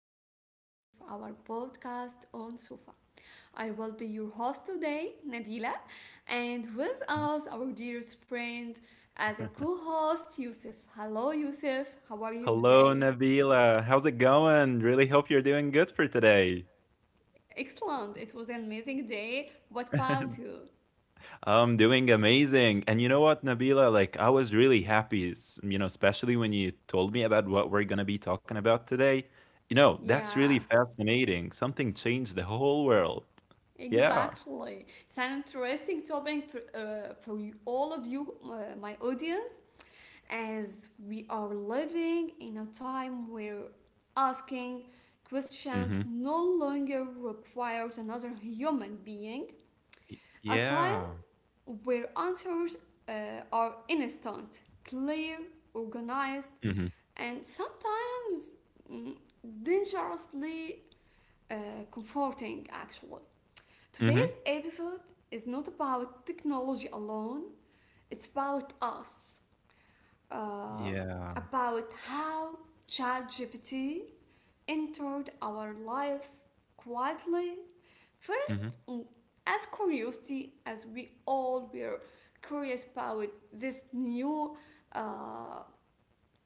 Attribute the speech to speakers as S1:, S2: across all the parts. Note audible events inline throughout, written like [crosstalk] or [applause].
S1: a new episode of our podcast on Sufa. I will be your host today, Nabila, and with us, our dearest friend, as a
S2: [laughs]
S1: co host, Yusuf. Hello, Yusuf, how are you
S2: Hello,
S1: today?
S2: Nabila. How's it going? Really hope you're doing good for today.
S1: Excellent, it was an amazing day. What about
S2: [laughs]
S1: you?
S2: I'm doing amazing. And you know what, Nabila? Like, I was really happy, especially when you told me about what we're going to be talking about today. You know, that's
S1: Yeah,
S2: really fascinating. Something changed the whole world. Yeah.
S1: exactly. It's an interesting topic for you, all of you, my audience, as we are living in a time where asking
S2: Mm-hmm.
S1: questions no longer requires another human being,
S2: Y
S1: a
S2: yeah.
S1: time where answers uh, are instant, clear, organized,
S2: Mhm.
S1: and sometimes mm, dangerously uh, comforting actually.
S2: Mhm.
S1: Today's episode is not about technology alone, it's about us, uh,
S2: Yeah.
S1: about how ChatGPT entered our lives quietly.
S2: Mhm.
S1: First, as curiosity, as we all were curious about this new uh,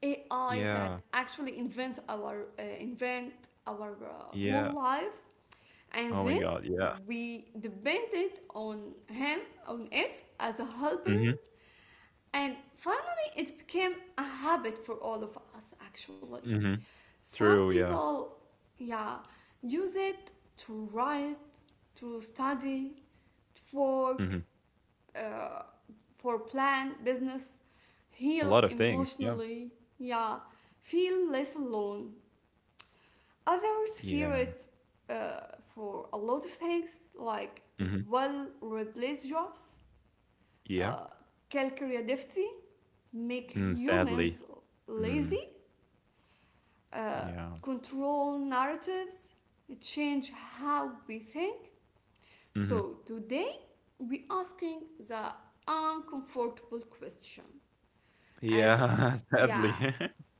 S1: AI that
S2: Yeah.
S1: actually invent our
S2: Yeah.
S1: whole life, and
S2: Oh my
S1: then
S2: god, yeah.
S1: we depended on him on it as a helper,
S2: Mhm.
S1: and finally, it became a habit for all of us actually.
S2: Mhm.
S1: Some
S2: True, yeah.
S1: people, yeah, use it to write, to study, to work,
S2: Mhm.
S1: uh, for plan, business,
S2: A
S1: heal
S2: lot of things, yeah.
S1: emotionally, yeah, feel less alone. Others fear
S2: Yeah.
S1: it, uh, for a lot of things like
S2: Mhm.
S1: will replace jobs,
S2: Yeah.
S1: uh, calcarea deficit, make
S2: Mm, sadly.
S1: humans
S2: Mm,
S1: lazy, uh,
S2: yeah.
S1: control narratives, change how we think.
S2: Mhm.
S1: So today we asking the uncomfortable question. As
S2: Yeah, [laughs] sadly.
S1: yeah,
S2: [laughs]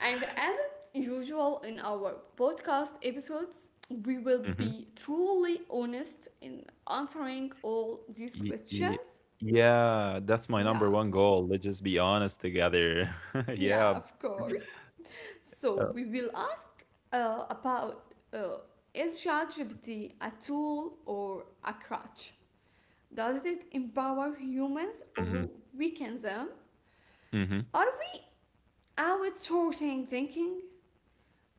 S1: and as usual in our podcast episodes, we will
S2: Mhm.
S1: be truly honest in answering all these
S2: Y y
S1: questions.
S2: yeah, that's my number
S1: Yeah,
S2: one goal. Let's just be honest together. [laughs]
S1: yeah,
S2: Yeah.
S1: of course. So
S2: Uh,
S1: we will ask about is ChatGPT a tool or a crutch? Does it empower humans or
S2: mhm.
S1: weaken them?
S2: Mhm.
S1: Are we outsourcing thinking?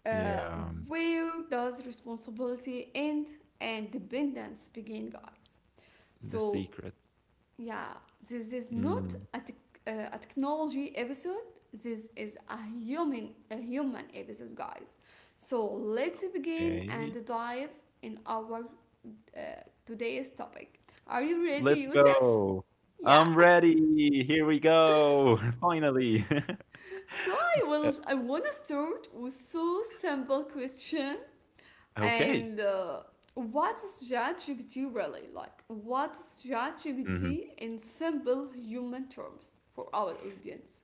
S1: Uh,
S2: Yeah.
S1: where does responsibility end and dependence begin, guys?
S2: The
S1: So
S2: secrets.
S1: yeah, this is not
S2: Mm,
S1: a technology episode. This is a human episode, guys. So let's begin and
S2: Okay.
S1: dive in our uh, today's topic. Are you ready,
S2: Let's
S1: Yusuf?
S2: go.
S1: Yeah.
S2: I'm
S1: [laughs]
S2: ready. Here we go. [laughs] Finally. [laughs]
S1: So I
S2: Uh,
S1: will. I wanna start with so simple question
S2: okay.
S1: and. What's ChatGPT really like? What's
S2: Mhm.
S1: ChatGPT in simple human terms for our audience?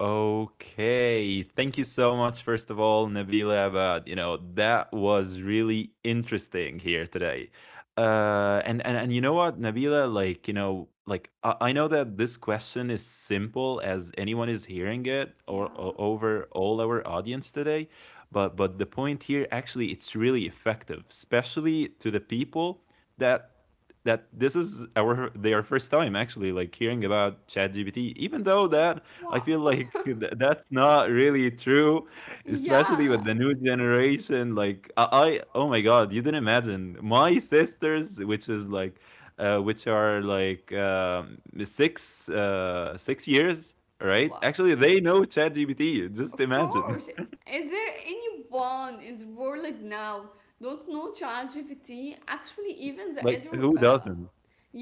S2: Okay. Thank you so much, first of all, Nabila Abad. You know, that was really interesting here today. And you know what, Nabila, like, you know, like I know that this question is simple as anyone is hearing it, or
S1: Yeah.
S2: over all our audience today, but the point here actually, it's really effective, especially to the people that that this is our their first time actually, like, hearing about ChatGPT, even though that I
S1: Wow.
S2: feel
S1: [laughs]
S2: like [laughs] that's not really true, especially
S1: Yeah.
S2: with the new generation. Like oh my God, you didn't imagine my sisters, which is like, which are like six, 6 years, right?
S1: Wow.
S2: Actually, they know ChatGPT. Just
S1: Of
S2: imagine,
S1: course. Is there anyone in the world like now don't know ChatGPT? Actually,
S2: [laughs]
S1: even the
S2: like
S1: elder.
S2: who doesn't?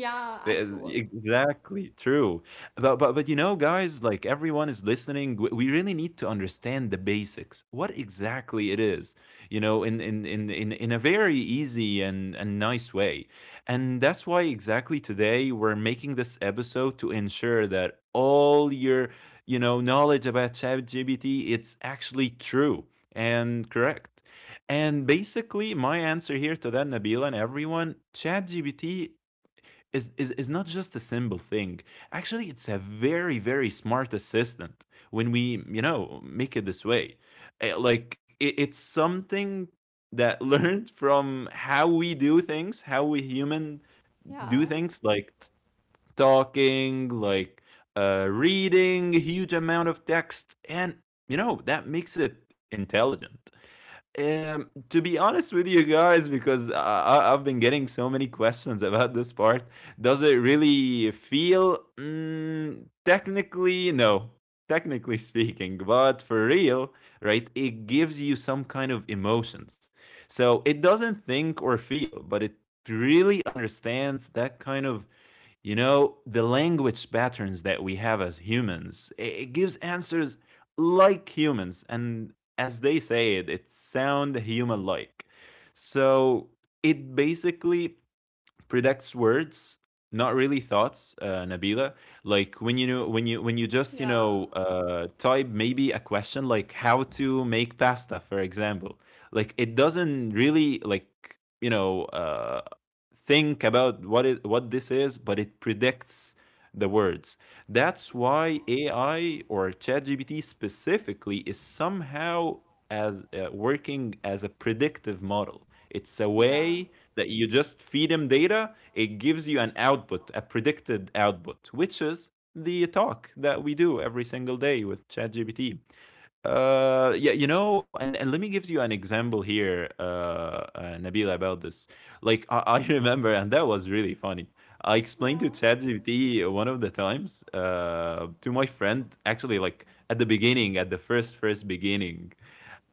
S1: Yeah, actually.
S2: Exactly, true. But you know, guys, like, everyone is listening. We really need to understand the basics. What exactly it is, you know, in in a very easy and nice way. And that's why exactly today we're making this episode to ensure that all your, you know, knowledge about ChatGPT, it's actually true and correct. And basically, my answer here to that, Nabila and everyone, ChatGPT is not just a simple thing. Actually, it's a very, very smart assistant when we, you know, make it this way. Like, it's something that [laughs] learned from how we do things, how we human do
S1: Yeah,
S2: things, like, talking, like, reading a huge amount of text. And, you know, that makes it intelligent. To be honest with you guys, because I have been getting so many questions about this part, does it really feel? Mm, technically, no. Technically [laughs] speaking, but for real, right? It gives you some kind of emotions. So it doesn't think or feel, but it really understands that kind of, you know, the language patterns that we have as humans. It gives answers like humans. And as they say it, it sound human like. So it basically predicts words, not really thoughts, Nabila. Like, when you know, when you just, you
S1: yeah,
S2: know, type maybe a question like how to make pasta, for example, like, it doesn't really like, you know, think about what it, what this is, but it predicts the words. That's why AI or ChatGPT specifically is somehow, as working as a predictive model. It's a
S1: yeah,
S2: way that you just feed him data, it gives you an output, a predicted output, which is the talk that we do every single day with ChatGPT. Yeah, you know, and Let me give you an example here, Nabila, about this. Like, I [laughs] remember, and that was really funny. I explained to
S1: yeah.
S2: ChatGPT one of the times, to my friend, actually, like at the beginning, at the first beginning,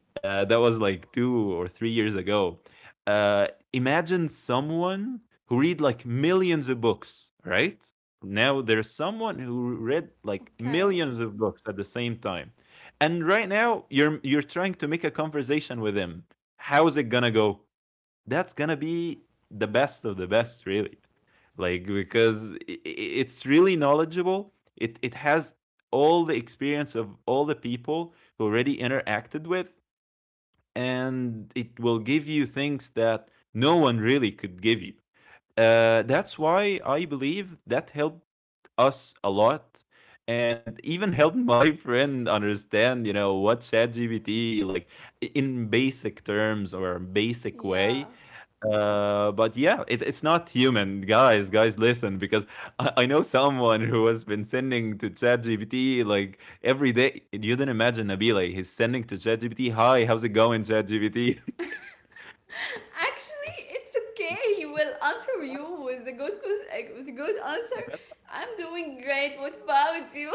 S2: that was like 2 or 3 years ago. Uh, imagine someone who read like millions of books, right? Now there's someone who read like
S1: Okay,
S2: millions of books at the same time, and right now you're trying to make a conversation with him. How is it gonna go? That's gonna be the best of the best, really. Like, because it's really knowledgeable. It has all the experience of all the people who already interacted with, and it will give you things that no one really could give you. That's why I believe that helped us a lot, and even helped [laughs] my friend understand, you know, what ChatGPT like, in basic terms or basic way,
S1: yeah.
S2: but yeah, it's not human, guys. Guys, listen, because I know someone who has been sending to ChatGPT like every day. You didn't imagine, Nabila. He's sending to ChatGPT, "Hi, how's it going, ChatGPT?" [laughs]
S1: Actually, it's okay. He will answer you with a good answer.
S2: That's-
S1: I'm doing great. What about you?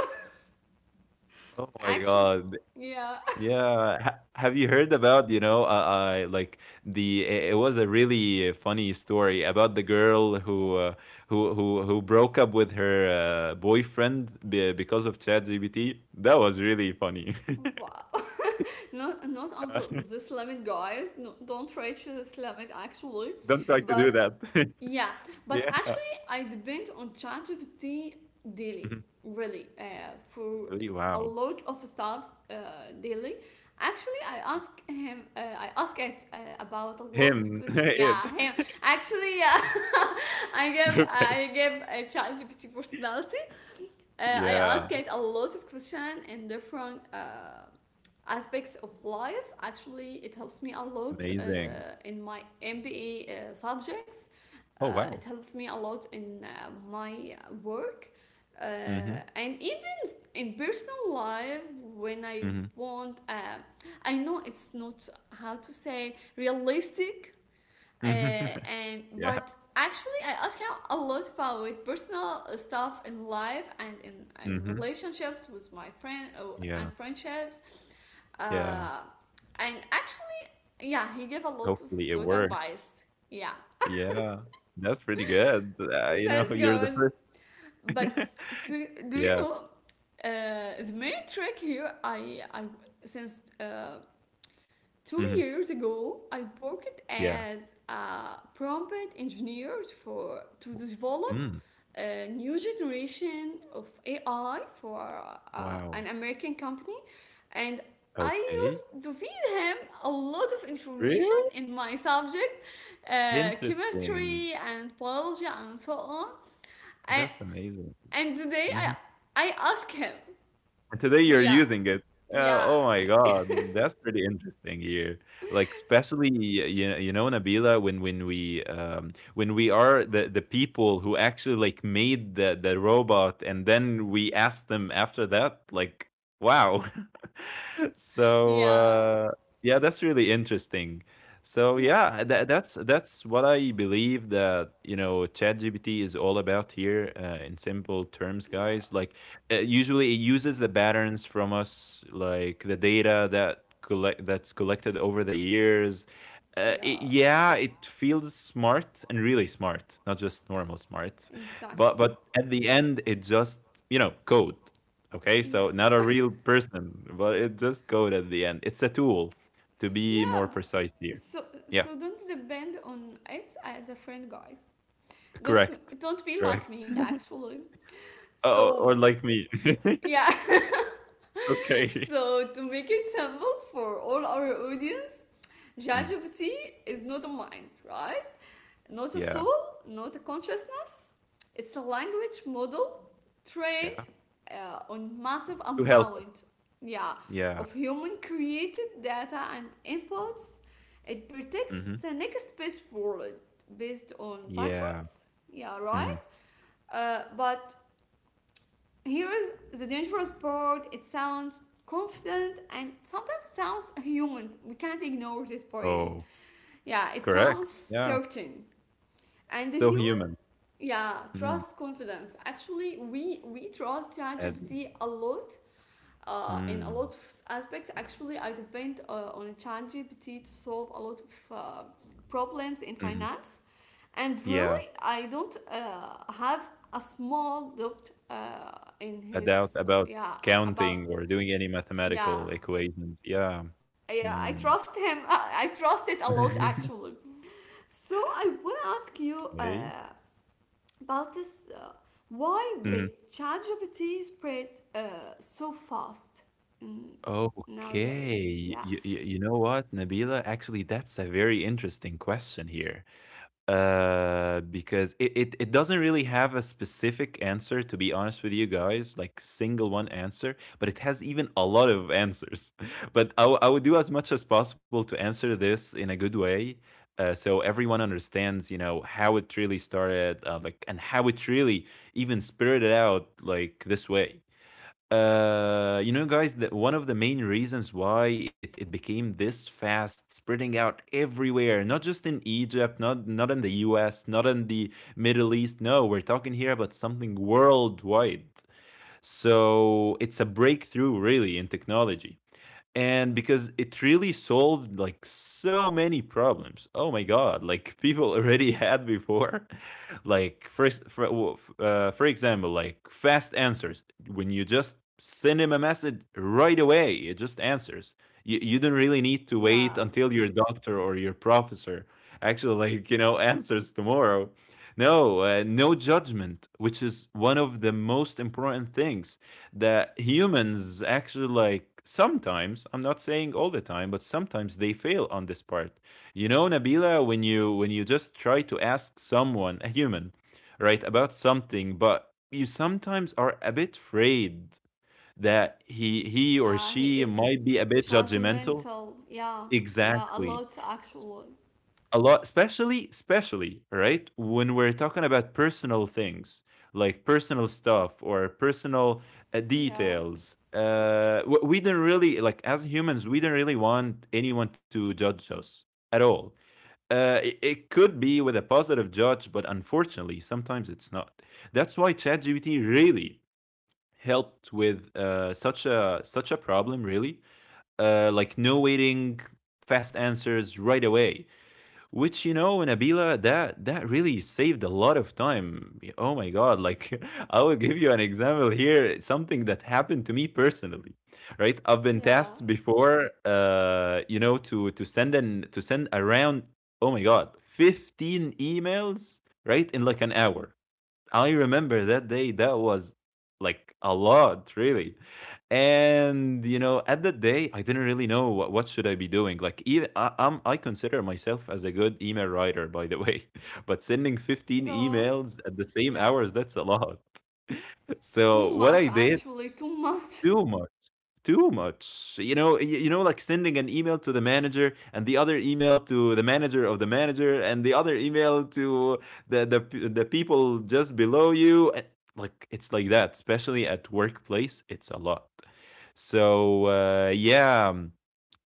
S2: Oh
S1: [laughs]
S2: my
S1: Actually,
S2: God.
S1: yeah.
S2: Yeah. Ha Have you heard about, you know, uh, like the, it was a really funny story about the girl who, who broke up with her boyfriend be because of ChatGPT. That was really funny.
S1: [laughs]
S2: [laughs]
S1: Wow. Not, not
S2: Uh, [laughs]
S1: until this limit, guys. No, don't reach this limit, actually.
S2: Don't try to do
S1: But
S2: that. [laughs]
S1: yeah, but
S2: Yeah.
S1: actually, I depend on ChatGPT daily,
S2: Mhm.
S1: really, for
S2: Really?
S1: a
S2: Wow.
S1: lot of stuffs daily. Actually, I ask it about a lot
S2: Him.
S1: of
S2: [laughs]
S1: questions.
S2: It.
S1: Yeah, him. Actually, yeah, [laughs]
S2: [laughs] Okay.
S1: I give a ChatGPT personality. I
S2: Yeah.
S1: ask it a lot of questions and different. Aspects of life, actually it helps me a lot
S2: Amazing.
S1: in my MBA subjects,
S2: Oh, wow.
S1: it helps me a lot in my work, uh,
S2: Mm-hmm.
S1: and even in personal life when I
S2: Mm-hmm.
S1: want, I know it's not how to say realistic,
S2: Mhm. [laughs]
S1: and
S2: Yeah.
S1: but actually I ask him a lot about personal stuff in life and in
S2: Mm-hmm.
S1: relationships with my friend, oh, and
S2: Yeah.
S1: friendships,
S2: Yeah.
S1: uh, and actually, yeah, he gave a lot of
S2: Hopefully it
S1: good
S2: works.
S1: advice. Yeah,
S2: Yeah. That's pretty good.
S1: [laughs]
S2: You know, [laughs]
S1: that's
S2: you're the
S1: good.
S2: first.
S1: But
S2: [laughs]
S1: to, do you
S2: Yeah.
S1: know the main trick here? I Since two
S2: Hmm.
S1: years ago I worked
S2: Yeah.
S1: as a prompt engineer for to
S2: W-
S1: develop
S2: Mm.
S1: a new generation of AI for
S2: Wow.
S1: an American company, and I
S2: Okay.
S1: used to feed him a lot of information
S2: Really?
S1: in my subject,
S2: Interesting.
S1: chemistry and biology and so on. And,
S2: That's amazing.
S1: and today
S2: Mhm.
S1: I ask him,
S2: And today you're
S1: yeah,
S2: using it. Oh
S1: yeah,
S2: my God, mm, that's pretty interesting here. Like, especially you, you know, Nabila, when we when we are the people who actually, like, made the robot and then we asked them after that, like, wow. [laughs] So,
S1: yeah,
S2: yeah, that's really interesting. So
S1: yeah,
S2: yeah, that's what I believe that, you know, ChatGPT is all about here, in simple terms,
S1: yeah,
S2: guys. Like, usually it uses the patterns from us, like the data that collected over the years.
S1: yeah,
S2: Yeah, it feels smart and really smart, not just normal smart,
S1: exactly.
S2: but at the end, it just, you know, code. Okay, so
S1: Yeah,
S2: not a real person, but it just code at the end, it's a tool to be more
S1: yeah.
S2: precise here.
S1: So,
S2: Yeah,
S1: so don't depend on it as a friend, guys. Don't
S2: correct.
S1: don't be
S2: Correct.
S1: like me actually.
S2: Oh, or
S1: So
S2: like me.
S1: yeah. [laughs]
S2: [laughs] Okay.
S1: So to make it simple for all our audience,
S2: Mm,
S1: ChatGPT is not a mind, right? Not a
S2: yeah.
S1: soul, not a consciousness. It's a language model trained
S2: Yeah,
S1: on massive
S2: to help us.
S1: amount, yeah,
S2: Yeah.
S1: of human created data and inputs. It
S2: Mhm.
S1: predicts the next best world based on pattern,
S2: Yeah.
S1: yeah, right?
S2: Mhm.
S1: But here is the dangerous part. It sounds confident and sometimes sounds human. We can't ignore this point.
S2: Oh,
S1: Yeah, it
S2: correct.
S1: sounds
S2: Yeah.
S1: certain. And the
S2: Still
S1: human,
S2: human.
S1: yeah,
S2: Mm.
S1: trust confidence. Actually, we trust
S2: And
S1: ChatGPT a lot. In a lot
S2: mm.
S1: of aspects, actually, I depend on ChatGPT to solve a lot of problems in
S2: Mhm.
S1: finance. And
S2: Yeah.
S1: really, I don't have a small doubt in
S2: A doubt
S1: his,
S2: about
S1: yeah,
S2: counting
S1: about,
S2: or doing any mathematical
S1: yeah,
S2: equations. Yeah.
S1: yeah, I
S2: Mm.
S1: trust him. [laughs] I trust it a lot,
S2: [laughs]
S1: actually. So I will ask you
S2: Okay.
S1: about this. Why did
S2: Mhm.
S1: ChatGPT spread uh, so fast mm,
S2: Okay.
S1: nowadays? Yeah,
S2: You know what, Nabila? Actually, that's a very interesting question here. Because it, it doesn't really have a specific answer, to be honest with you guys, like single one answer, but it has even a lot of answers. [laughs] But I would do as much as possible to answer this in a good way, so everyone understands, you know, how it really started, like, and how it really even spirited out like this way. You know, guys, that one of the main reasons why it became this fast, spreading out everywhere, not just in Egypt, not in the US, not in the Middle East. No, we're talking here about something worldwide. So it's a breakthrough, really, in technology, and because it really solved like so many problems, oh my god, like [laughs] people already had before. [laughs] Like, first, for example, like, fast answers. When you just send him a message, right away it just answers. You don't really need to
S1: yeah,
S2: wait until your doctor or your professor, actually, like, you know, [laughs] answers tomorrow. No, no judgment, which is one of the most important things that humans actually, like, sometimes, I'm not saying all the time, but sometimes they fail on this part. You know, Nabila, when you just try to ask someone a human, right, about something, but you sometimes are a bit afraid that he or
S1: yeah. He
S2: she
S1: is
S2: might be a bit judgmental.
S1: judgmental. Yeah, yeah, a
S2: Exactly.
S1: lot actually.
S2: A lot, especially, right, when we're talking about personal things, like personal stuff or personal
S1: Yeah.
S2: details. We don't really like, as humans, we don't really want anyone to judge us at all. It could be with a positive judge, but unfortunately sometimes it's not. That's why ChatGPT really helped with, such a problem, really. Like, no waiting, fast answers right away, which, you know, Nabila, that that really saved a lot of time. Oh my god! Like, [laughs] I will give you an example here. It's something that happened to me personally, right? I've been
S1: Yeah,
S2: tasked before, you know, to send an to send around, oh my god, 15 emails, right, in like an hour. I remember that day. That was like a lot, really. And you know, at that day, I didn't really know what should I be doing? Like, even I consider myself as a good email writer, by the way. [laughs] But sending 15
S1: God.
S2: emails at the same
S1: Yeah.
S2: hours, that's a lot. [laughs] So
S1: Too
S2: what I
S1: much,
S2: did,
S1: actually. Too much. [laughs]
S2: too much, too much. You know, like, sending an email to the manager, and the other email to the manager of the manager, and the other email to the the, the people just below you. Like, it's like that, especially at workplace it's a lot. So yeah,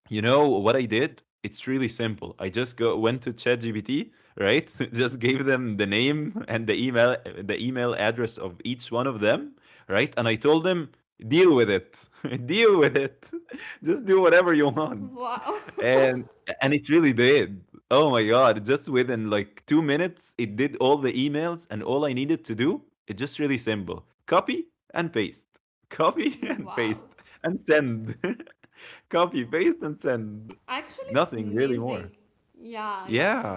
S2: you know what I did? It's really simple. I just go went to ChatGPT, right? [laughs] Just gave them the name and the email address of each one of them, right? And I told them, deal with it. [laughs] Deal with it. [laughs] Just do whatever you want.
S1: Wow. [laughs]
S2: And and it really did. Oh my god, just within like 2 minutes, it did all the emails, and all I needed to do, it's just really simple. Copy and paste. Copy [laughs] and paste
S1: Wow.
S2: and send. [laughs] Copy, paste and send.
S1: Actually, it's
S2: Nothing really more.
S1: amazing. Yeah, yeah.
S2: Yeah,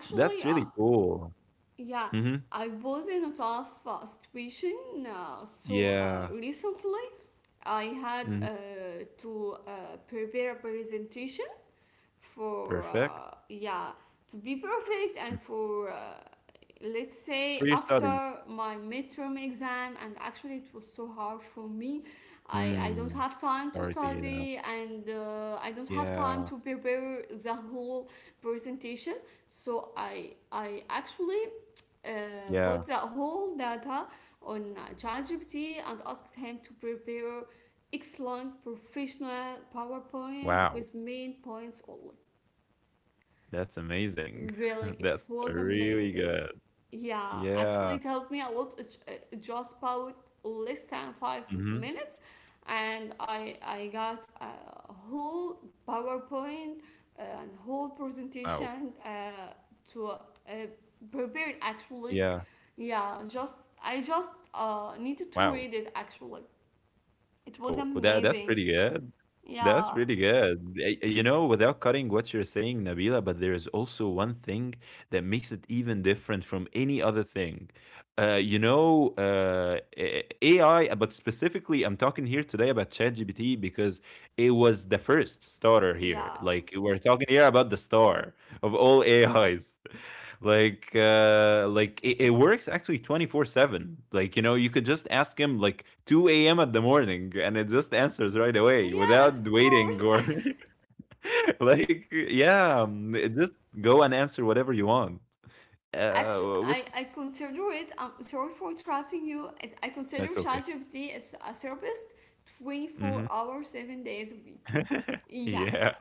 S2: that's
S1: uh,
S2: really cool.
S1: Yeah,
S2: Mhm.
S1: I was in a tough situation.
S2: Yeah.
S1: Recently, I had
S2: Mhm.
S1: to prepare a presentation for,
S2: Perfect.
S1: yeah, to be perfect,
S2: Mm.
S1: and for let's say
S2: For your
S1: after
S2: study.
S1: my midterm exam, and actually it was so harsh for me. I don't
S2: Mm.
S1: have time to
S2: Sorry to hear that.
S1: study and I don't have time
S2: Yeah.
S1: to prepare the whole presentation. So I actually put
S2: Yeah.
S1: the whole data on ChatGPT and asked him to prepare excellent professional PowerPoint
S2: Wow.
S1: with main points only.
S2: That's amazing. [laughs]
S1: Really, it
S2: That's
S1: was
S2: really
S1: amazing.
S2: good.
S1: Yeah,
S2: Yeah.
S1: actually, it helped me a lot. It's just about less than five
S2: Mhm.
S1: minutes, and I got a whole PowerPoint and whole
S2: Wow.
S1: presentation to prepared actually,
S2: Yeah.
S1: yeah, just I just needed to
S2: Wow.
S1: read it actually. It was
S2: Oh, oh, that's
S1: amazing.
S2: pretty good. That's
S1: Yeah,
S2: really good. You know, without cutting what you're saying, Nabila, but there is also one thing that makes it even different from any other thing. Uh, you know, uh, a- AI, but specifically, I'm talking here today about ChatGPT because it was the first starter here.
S1: yeah,
S2: Like, we're talking here about the star of all AIs. It works actually 24/7. Like, you could just ask him like 2 a.m. at the morning, and it just answers right away without
S1: yes, of course.
S2: waiting or...
S1: [laughs]
S2: [laughs] Yeah, it just go and answer whatever you want.
S1: Actually,
S2: uh which,
S1: I consider it. I'm sorry for interrupting you. I consider
S2: that's okay.
S1: ChatGPT as a therapist, twenty four
S2: Hmm.
S1: hours, 7 days a week.
S2: [laughs]
S1: Yeah,
S2: Yeah.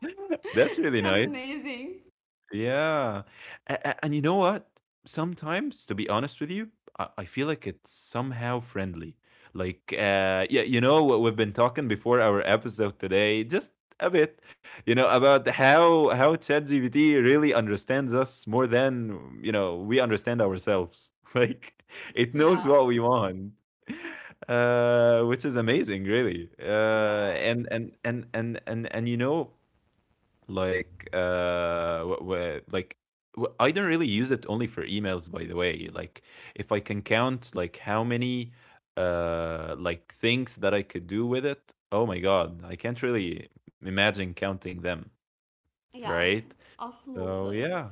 S2: [laughs]
S1: [laughs]
S2: That's really
S1: it's
S2: nice.
S1: amazing.
S2: Yeah. And you know what? Sometimes, to be honest with you, I feel like it's somehow friendly. Like, yeah, you know what we've been talking before our episode today, just a bit, about how ChatGPT really understands us more than we understand ourselves. [laughs] Like, it knows
S1: Yeah,
S2: what we want. Which is amazing, really. Uh,
S1: yeah,
S2: and and and and and and like uh wh- wh- like I don't really use it only for emails, by the way. Like, if I can count like how many like things that I could do with it. Oh my god, I can't really imagine counting them,
S1: yes,
S2: right? So
S1: absolutely.
S2: yeah,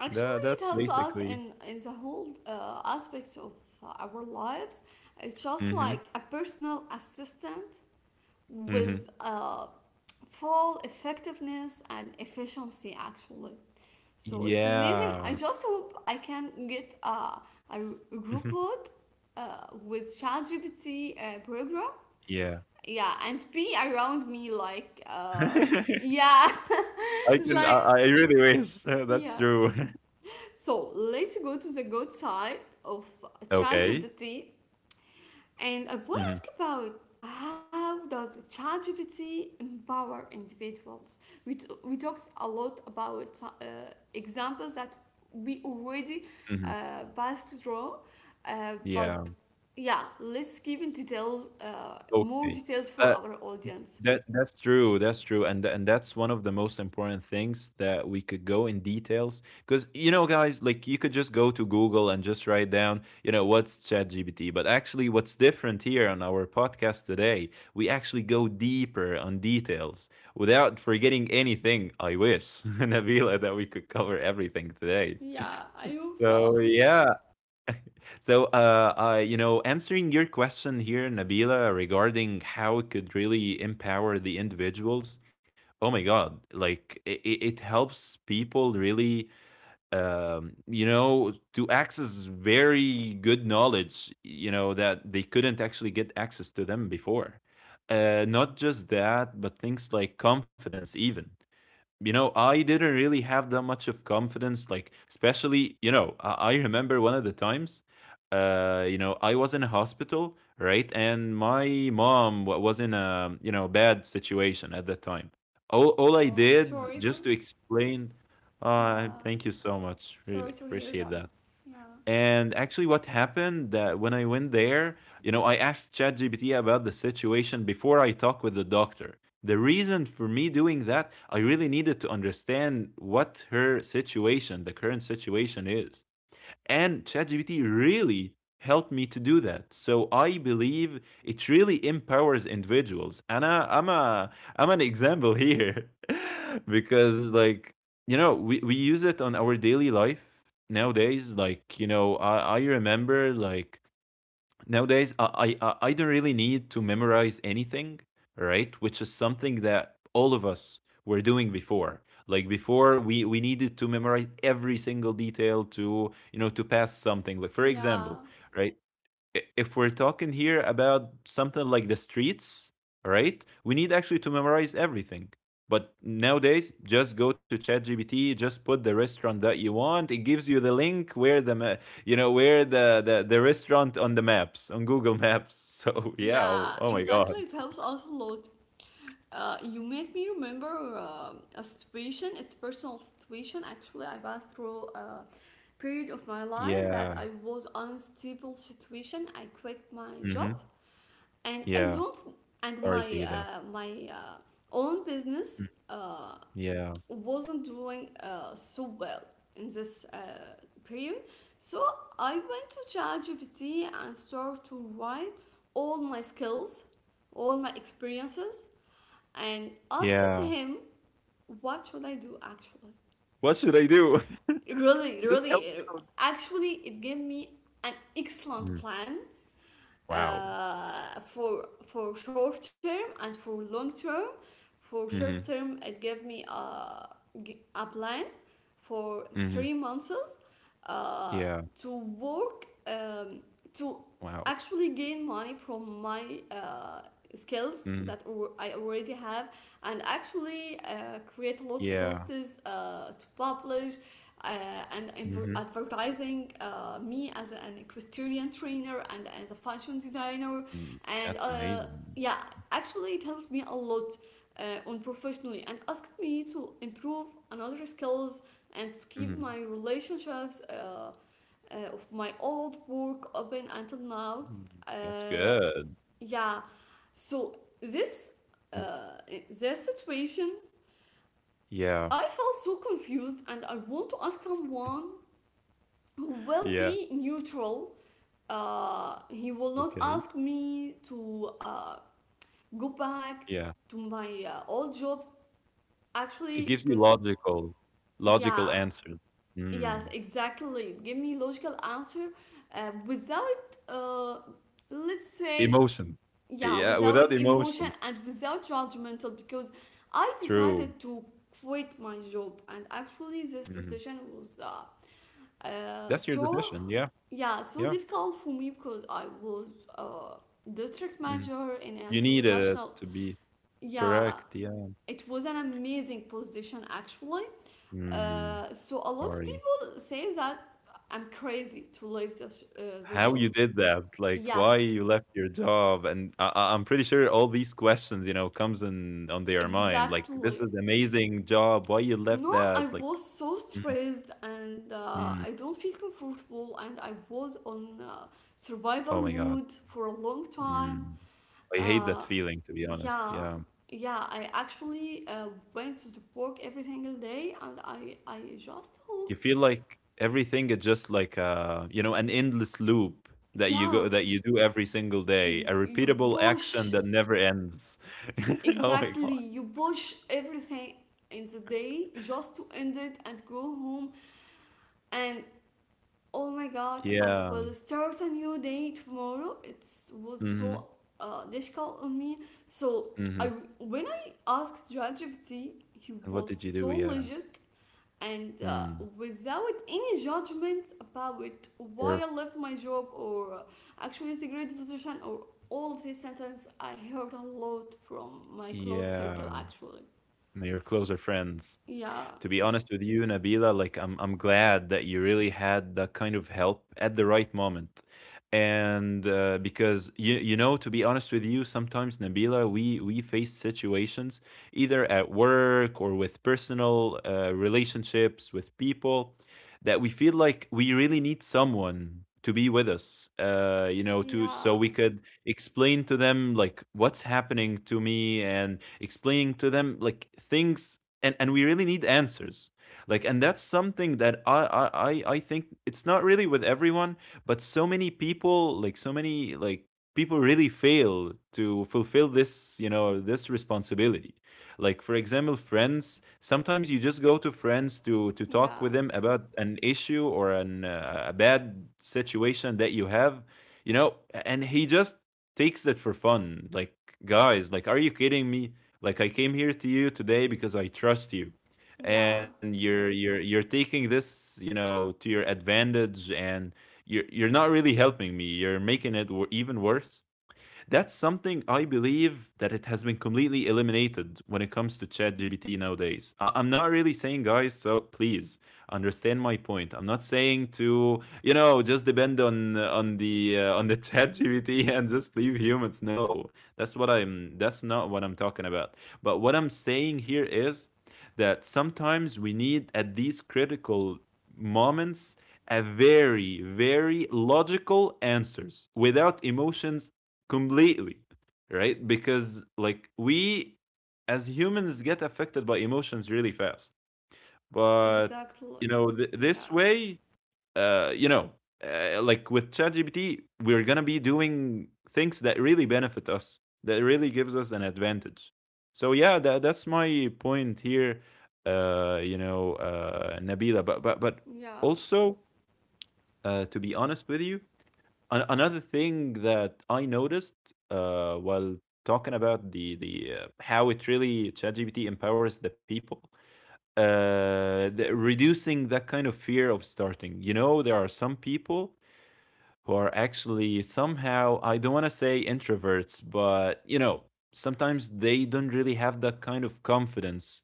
S1: Actually,
S2: that
S1: it
S2: that's
S1: helps us
S2: basically...
S1: in the whole aspects of our lives. It's just
S2: Mm-hmm.
S1: like a personal assistant
S2: Mm-hmm.
S1: with full effectiveness and efficiency. Actually, so it's amazing. I
S2: Yeah.
S1: just hope I can get a
S2: [laughs]
S1: robot with ChatGPT program.
S2: Yeah.
S1: Yeah, and be around me like,
S2: [laughs]
S1: yeah,
S2: I
S1: [laughs] it's
S2: can I,
S1: like,
S2: I really wish. [laughs] That's
S1: yeah.
S2: true.
S1: So let's go to the good side of
S2: [laughs] Okay.
S1: ChatGPT, and I want
S2: Hmm.
S1: to ask about how does ChatGPT empower individuals? We talked a lot about examples that we already
S2: Hmm.
S1: passed through, uh,
S2: Yeah.
S1: but yeah, let's give in details, more
S2: Okay.
S1: details for
S2: Uh.
S1: our audience.
S2: That's true. That's true, and that's one of the most important things that we could go in details, because, you know, guys, like, you could just go to Google and just write down, what's ChatGPT. But actually, what's different here on our podcast today, we actually go deeper on details without forgetting anything. I wish, [laughs] Nabila, that we could cover everything today. [laughs]
S1: Yeah, I hope so.
S2: So yeah, answering your question here, Nabila, regarding how it could really empower the individuals. Oh my God! Like it helps people really, to access very good knowledge. You know that they couldn't actually get access to them before. Not just that, but things like confidence, even I didn't really have that much of confidence, like, especially, I remember one of the times, I was in a hospital, right? And my mom was in a, bad situation at that time. All I
S1: Oh, I'm
S2: did
S1: sorry for.
S2: just to explain...
S1: Yeah,
S2: Thank you so much.
S1: sorry
S2: Really
S1: to hear
S2: appreciate
S1: that.
S2: that.
S1: Yeah.
S2: And actually, what happened that when I went there, I asked ChatGPT about the situation before I talked with the doctor. The reason for me doing that, I really needed to understand what her situation, the current situation is. And ChatGPT really helped me to do that. So I believe it really empowers individuals. And I, I'm a I'm an example here [laughs] because, like, we use it on our daily life nowadays, like, I remember, like, nowadays, I don't really need to memorize anything, right? Which is something that all of us were doing before. Like, before we needed to memorize every single detail, to you know to pass something, like for example,
S1: Yeah.
S2: right? If we're talking here about something like the streets, all right, we need actually to memorize everything. But nowadays, just go to ChatGPT, just put the restaurant that you want. It gives you the link where the ma- you know where the restaurant on the maps, on Google Maps. [laughs] So yeah. Oh,
S1: Yeah,
S2: oh my
S1: exactly.
S2: god.
S1: It helps us a lot. You made me remember a situation, it's personal situation. Actually, I passed through a period of my life that
S2: Yeah.
S1: I was unstable situation. I quit my job,
S2: Hmm.
S1: and I
S2: Yeah.
S1: don't and
S2: Sorry
S1: my
S2: to hear that.
S1: my uh, own business
S2: Mm. Yeah,
S1: Wasn't doing so well in this period. So I went to ChatGPT and started to write all my skills, all my experiences, and asked
S2: yeah.
S1: him what should I do actually.
S2: What should I do?
S1: Really,
S2: [laughs] Just help me
S1: really,
S2: out.
S1: actually, it gave me an excellent
S2: Mm.
S1: plan
S2: Wow.
S1: for short term and for long term. For short
S2: Hmm.
S1: term, it gave me a plan for
S2: Hmm.
S1: 3 months uh,
S2: Yeah.
S1: to work to
S2: Wow.
S1: actually gain money from my skills
S2: Mm.
S1: that I already have, and actually create a lot of
S2: Yeah.
S1: posts to publish, uh, and
S2: Mhm.
S1: advertising me as an equestrian trainer and as a fashion designer,
S2: Mm,
S1: and
S2: that's
S1: uh,
S2: amazing.
S1: yeah, actually it helped me a lot on professionally, and asked me to improve another skills and to keep
S2: Mhm.
S1: my relationships of my old work open until now,
S2: Mhm. That's
S1: uh,
S2: good.
S1: yeah. So this
S2: Mm.
S1: uh, this situation,
S2: Yeah.
S1: I felt so confused and I want to ask someone who will
S2: Yeah.
S1: be neutral. He will not
S2: Okay.
S1: ask me to go back
S2: Yeah.
S1: to my old jobs.
S2: It
S1: Actually,
S2: gives you
S1: because
S2: logical
S1: yeah,
S2: answers.
S1: yes,
S2: Mm.
S1: exactly. Give me logical answer without, let's say,
S2: Emotion.
S1: yeah,
S2: Yeah, without
S1: without emotion
S2: emotion.
S1: and without judgmental. Because I
S2: True.
S1: decided to quit my job, and actually, this
S2: Mhm.
S1: decision was,
S2: That's your
S1: so
S2: decision. Yeah.
S1: yeah, so
S2: Yeah.
S1: difficult for me because I was a district
S2: Mhm.
S1: manager in an
S2: You needed it
S1: international.
S2: to be
S1: Yeah,
S2: correct. Yeah.
S1: it was an amazing position actually.
S2: Mm.
S1: So a lot of
S2: Sorry.
S1: people say that I'm crazy to leave this this
S2: How
S1: job.
S2: you did that, like, why
S1: Yes,
S2: you left your job? And I'm pretty sure all these questions, comes in on their mind, like, this
S1: exactly.
S2: is amazing job, why you left
S1: No, I
S2: that, like...
S1: was so
S2: Mm,
S1: stressed and
S2: mm.
S1: I don't feel comfortable and I was on
S2: Oh
S1: survival
S2: my god.
S1: mode for a long time.
S2: Mm. I hate that
S1: Uh,
S2: feeling, to be honest.
S1: Yeah,
S2: Yeah.
S1: yeah. I actually went to the park every single day, and I just
S2: You
S1: hope.
S2: feel like everything is just like, an endless loop,
S1: Yeah,
S2: that you do every single day, a
S1: you
S2: repeatable action
S1: push
S2: that never ends. [laughs] Oh my god.
S1: exactly. You push everything in the day just to end it and go home. And oh my God, I
S2: Yeah.
S1: will start a new day tomorrow. It was so
S2: Hmm.
S1: difficult on me. So I
S2: Hmm.
S1: when I asked ChatGPT, he
S2: And what did
S1: was
S2: you do?
S1: so
S2: Yeah.
S1: logic and
S2: Mm.
S1: without any judgment about
S2: Sure.
S1: why I left my job or actually it's a great position, or all of these sentences I heard a lot from my close
S2: Yeah,
S1: circle actually.
S2: now closer friends.
S1: Yeah,
S2: To be honest with you, Nabila, like, I'm glad that you really had that kind of help at the right moment. And because you know, to be honest with you, sometimes, Nabila, we face situations either at work or with personal relationships with people, that we feel like we really need someone to be with us, you know to so
S1: yeah,
S2: we could explain to them like what's happening to me, and explaining to them like things. And we really need answers, like. And that's something that I think it's not really with everyone. But so many people, like so many like people really fail to fulfill this you know this responsibility. Like, for example, friends. Sometimes you just go to friends to talk
S1: yeah,
S2: with them about an issue or an a bad situation that you have, you know and he just takes it for fun. Like, guys, like, are you kidding me? Like, I came here to you today because I trust you.
S1: yeah,
S2: And you're taking this, to your advantage, and you're not really helping me. You're making it even worse. That's something I believe that it has been completely eliminated when it comes to ChatGPT nowadays. I'm not really saying, guys, so please understand my point. I'm not saying to, just depend on on the [laughs] ChatGPT and just leave humans. No, That's not what I'm talking about. But what I'm saying here is that sometimes we need, at these critical moments, a very, very logical answers without emotions completely, right? Because, like, we, as humans, get affected by emotions really fast. But
S1: exactly.
S2: this
S1: Yeah,
S2: way, uh you know like, with ChatGPT, we're going to be doing things that really benefit us, that really gives us an advantage. So yeah, that's my point here. Nabila, but
S1: yeah,
S2: also, to be honest with you, another thing that I noticed, while talking about the how it really ChatGPT empowers the people. Reducing that kind of fear of starting. You know, there are some people who are actually somehow, I don't want to say introverts, but you know, sometimes they don't really have that kind of confidence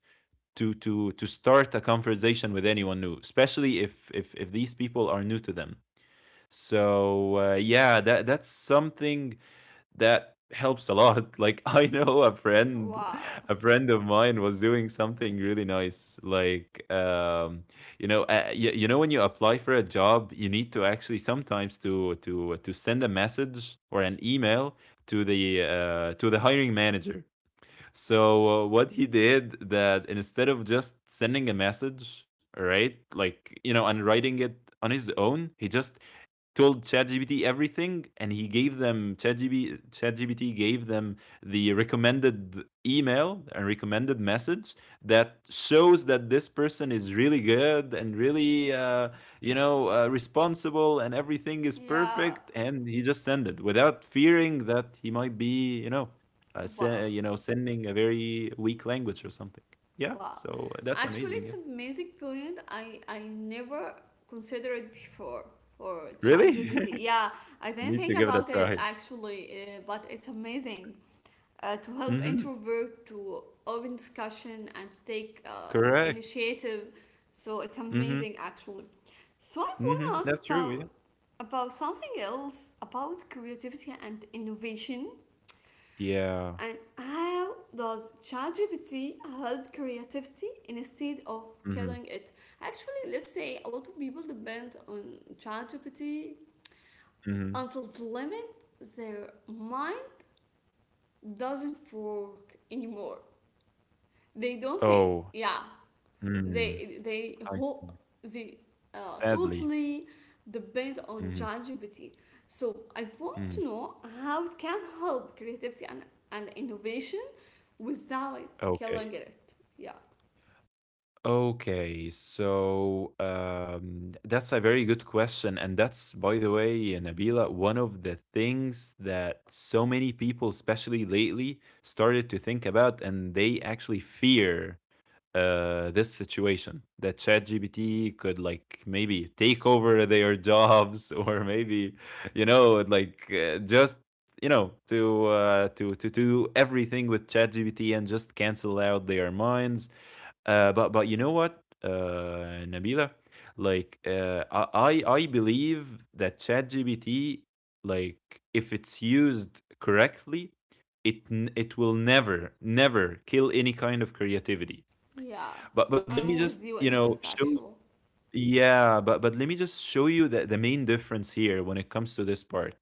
S2: to start a conversation with anyone new, especially if these people are new to them. So yeah, that's something that helps a lot. [laughs] Like, I know a friend,
S1: wow,
S2: [laughs] a friend of mine was doing something really nice. Like, you know, when you apply for a job, you need to actually, sometimes, to send a message or an email to the hiring manager. So what he did, that instead of just sending a message, right, and writing it on his own, he just told ChatGPT everything, and he gave them ChatGPT. ChatGPT gave them the recommended email and recommended message that shows that this person is really good and really, responsible, and everything is
S1: yeah,
S2: perfect. And he just sent it without fearing that he might be,
S1: wow.
S2: sending a very weak language or something. Yeah,
S1: Wow.
S2: so that's
S1: Actually,
S2: amazing.
S1: it's
S2: Yeah,
S1: an amazing point. I never considered it before for
S2: really,
S1: ChatGPT.
S2: [laughs]
S1: Yeah, I didn't
S2: need to
S1: think
S2: give it a
S1: about it
S2: try.
S1: actually, but it's amazing to help
S2: Hmm.
S1: introvert to open discussion and to take
S2: Correct.
S1: initiative. So it's
S2: Hmm.
S1: amazing actually. So I want to
S2: Mhm,
S1: ask
S2: that's true, yeah.
S1: about something else, about creativity and innovation.
S2: Yeah.
S1: And how does ChatGPT help creativity instead of
S2: Mhm,
S1: killing it? Actually, let's say a lot of people depend on ChatGPT
S2: mhm.
S1: until the limit their mind doesn't work anymore. They don't think.
S2: Oh,
S1: Yeah. they
S2: mm,
S1: they
S2: I
S1: hope
S2: see.
S1: they
S2: Sadly.
S1: totally depend on
S2: Mhm,
S1: ChatGPT. So I want
S2: mhm.
S1: to know how it can help creativity and innovation without killing
S2: Okay.
S1: it. Yeah,
S2: Okay, so, that's a very good question, and that's, by the way, Nabila, one of the things that so many people, especially lately, started to think about, and they actually fear this situation that ChatGPT could like maybe take over their [laughs] jobs or maybe just to do everything with ChatGPT and just cancel out their minds. But you know what, Nabila, like I believe that ChatGPT like if it's used correctly, it will never never kill any kind of creativity,
S1: yeah,
S2: but let me
S1: I'm
S2: just,
S1: with you
S2: you
S1: in
S2: know,
S1: this
S2: show y,
S1: actual.
S2: yeah, but let me just show you the main difference here when it comes to this part.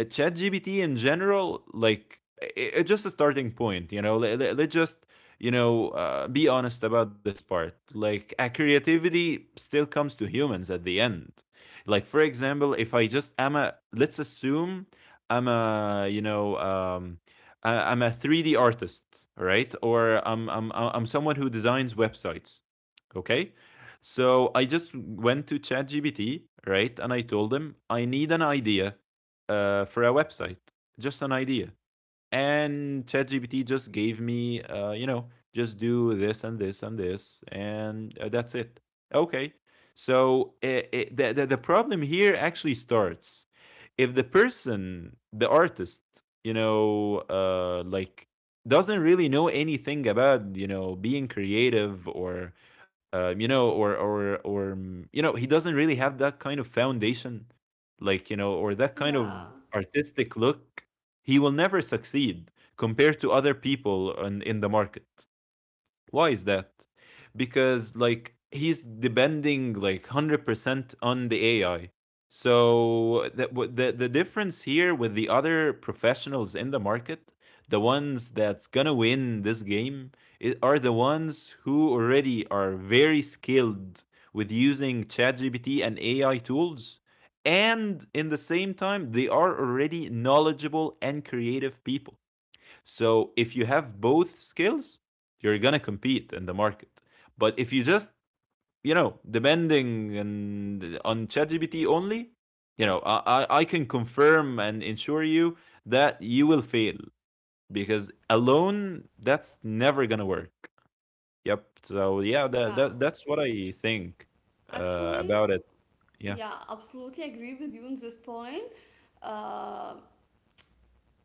S2: ChatGPT in general, like, I it's just a starting point, you know? Let's just, be honest about this part. Like, creativity still comes to humans at the end. Like, for example, if I just am a, let's assume I'm a, I'm a 3D artist, right? Or I'm someone who designs websites. Okay. So I just went to ChatGPT, right? And I told him, I need an idea for a website, just an idea, and ChatGPT just gave me, you know, just do this and this and this, and that's it. Okay. So it, the problem here actually starts if the person, the artist, like doesn't really know anything about you know being creative or you know, he doesn't really have that kind of foundation like you know or that kind of
S1: Yeah,
S2: artistic look. He will never succeed compared to other people in the market. Why is that? Because like he's depending like 100% on the AI. So the difference here with the other professionals in the market, the ones that's gonna win this game are the ones who already are very skilled with using ChatGPT and AI tools, and in the same time they are already knowledgeable and creative people. So if you have both skills, you're gonna compete in the market. But if you just you know depending and on ChatGPT only, you know I, I can confirm and ensure you that you will fail because alone that's never gonna work. Yep. So yeah,
S1: yeah.
S2: that's what I think
S1: Actually,
S2: about it. Yeah.
S1: yeah, absolutely agree with you on this point. Um,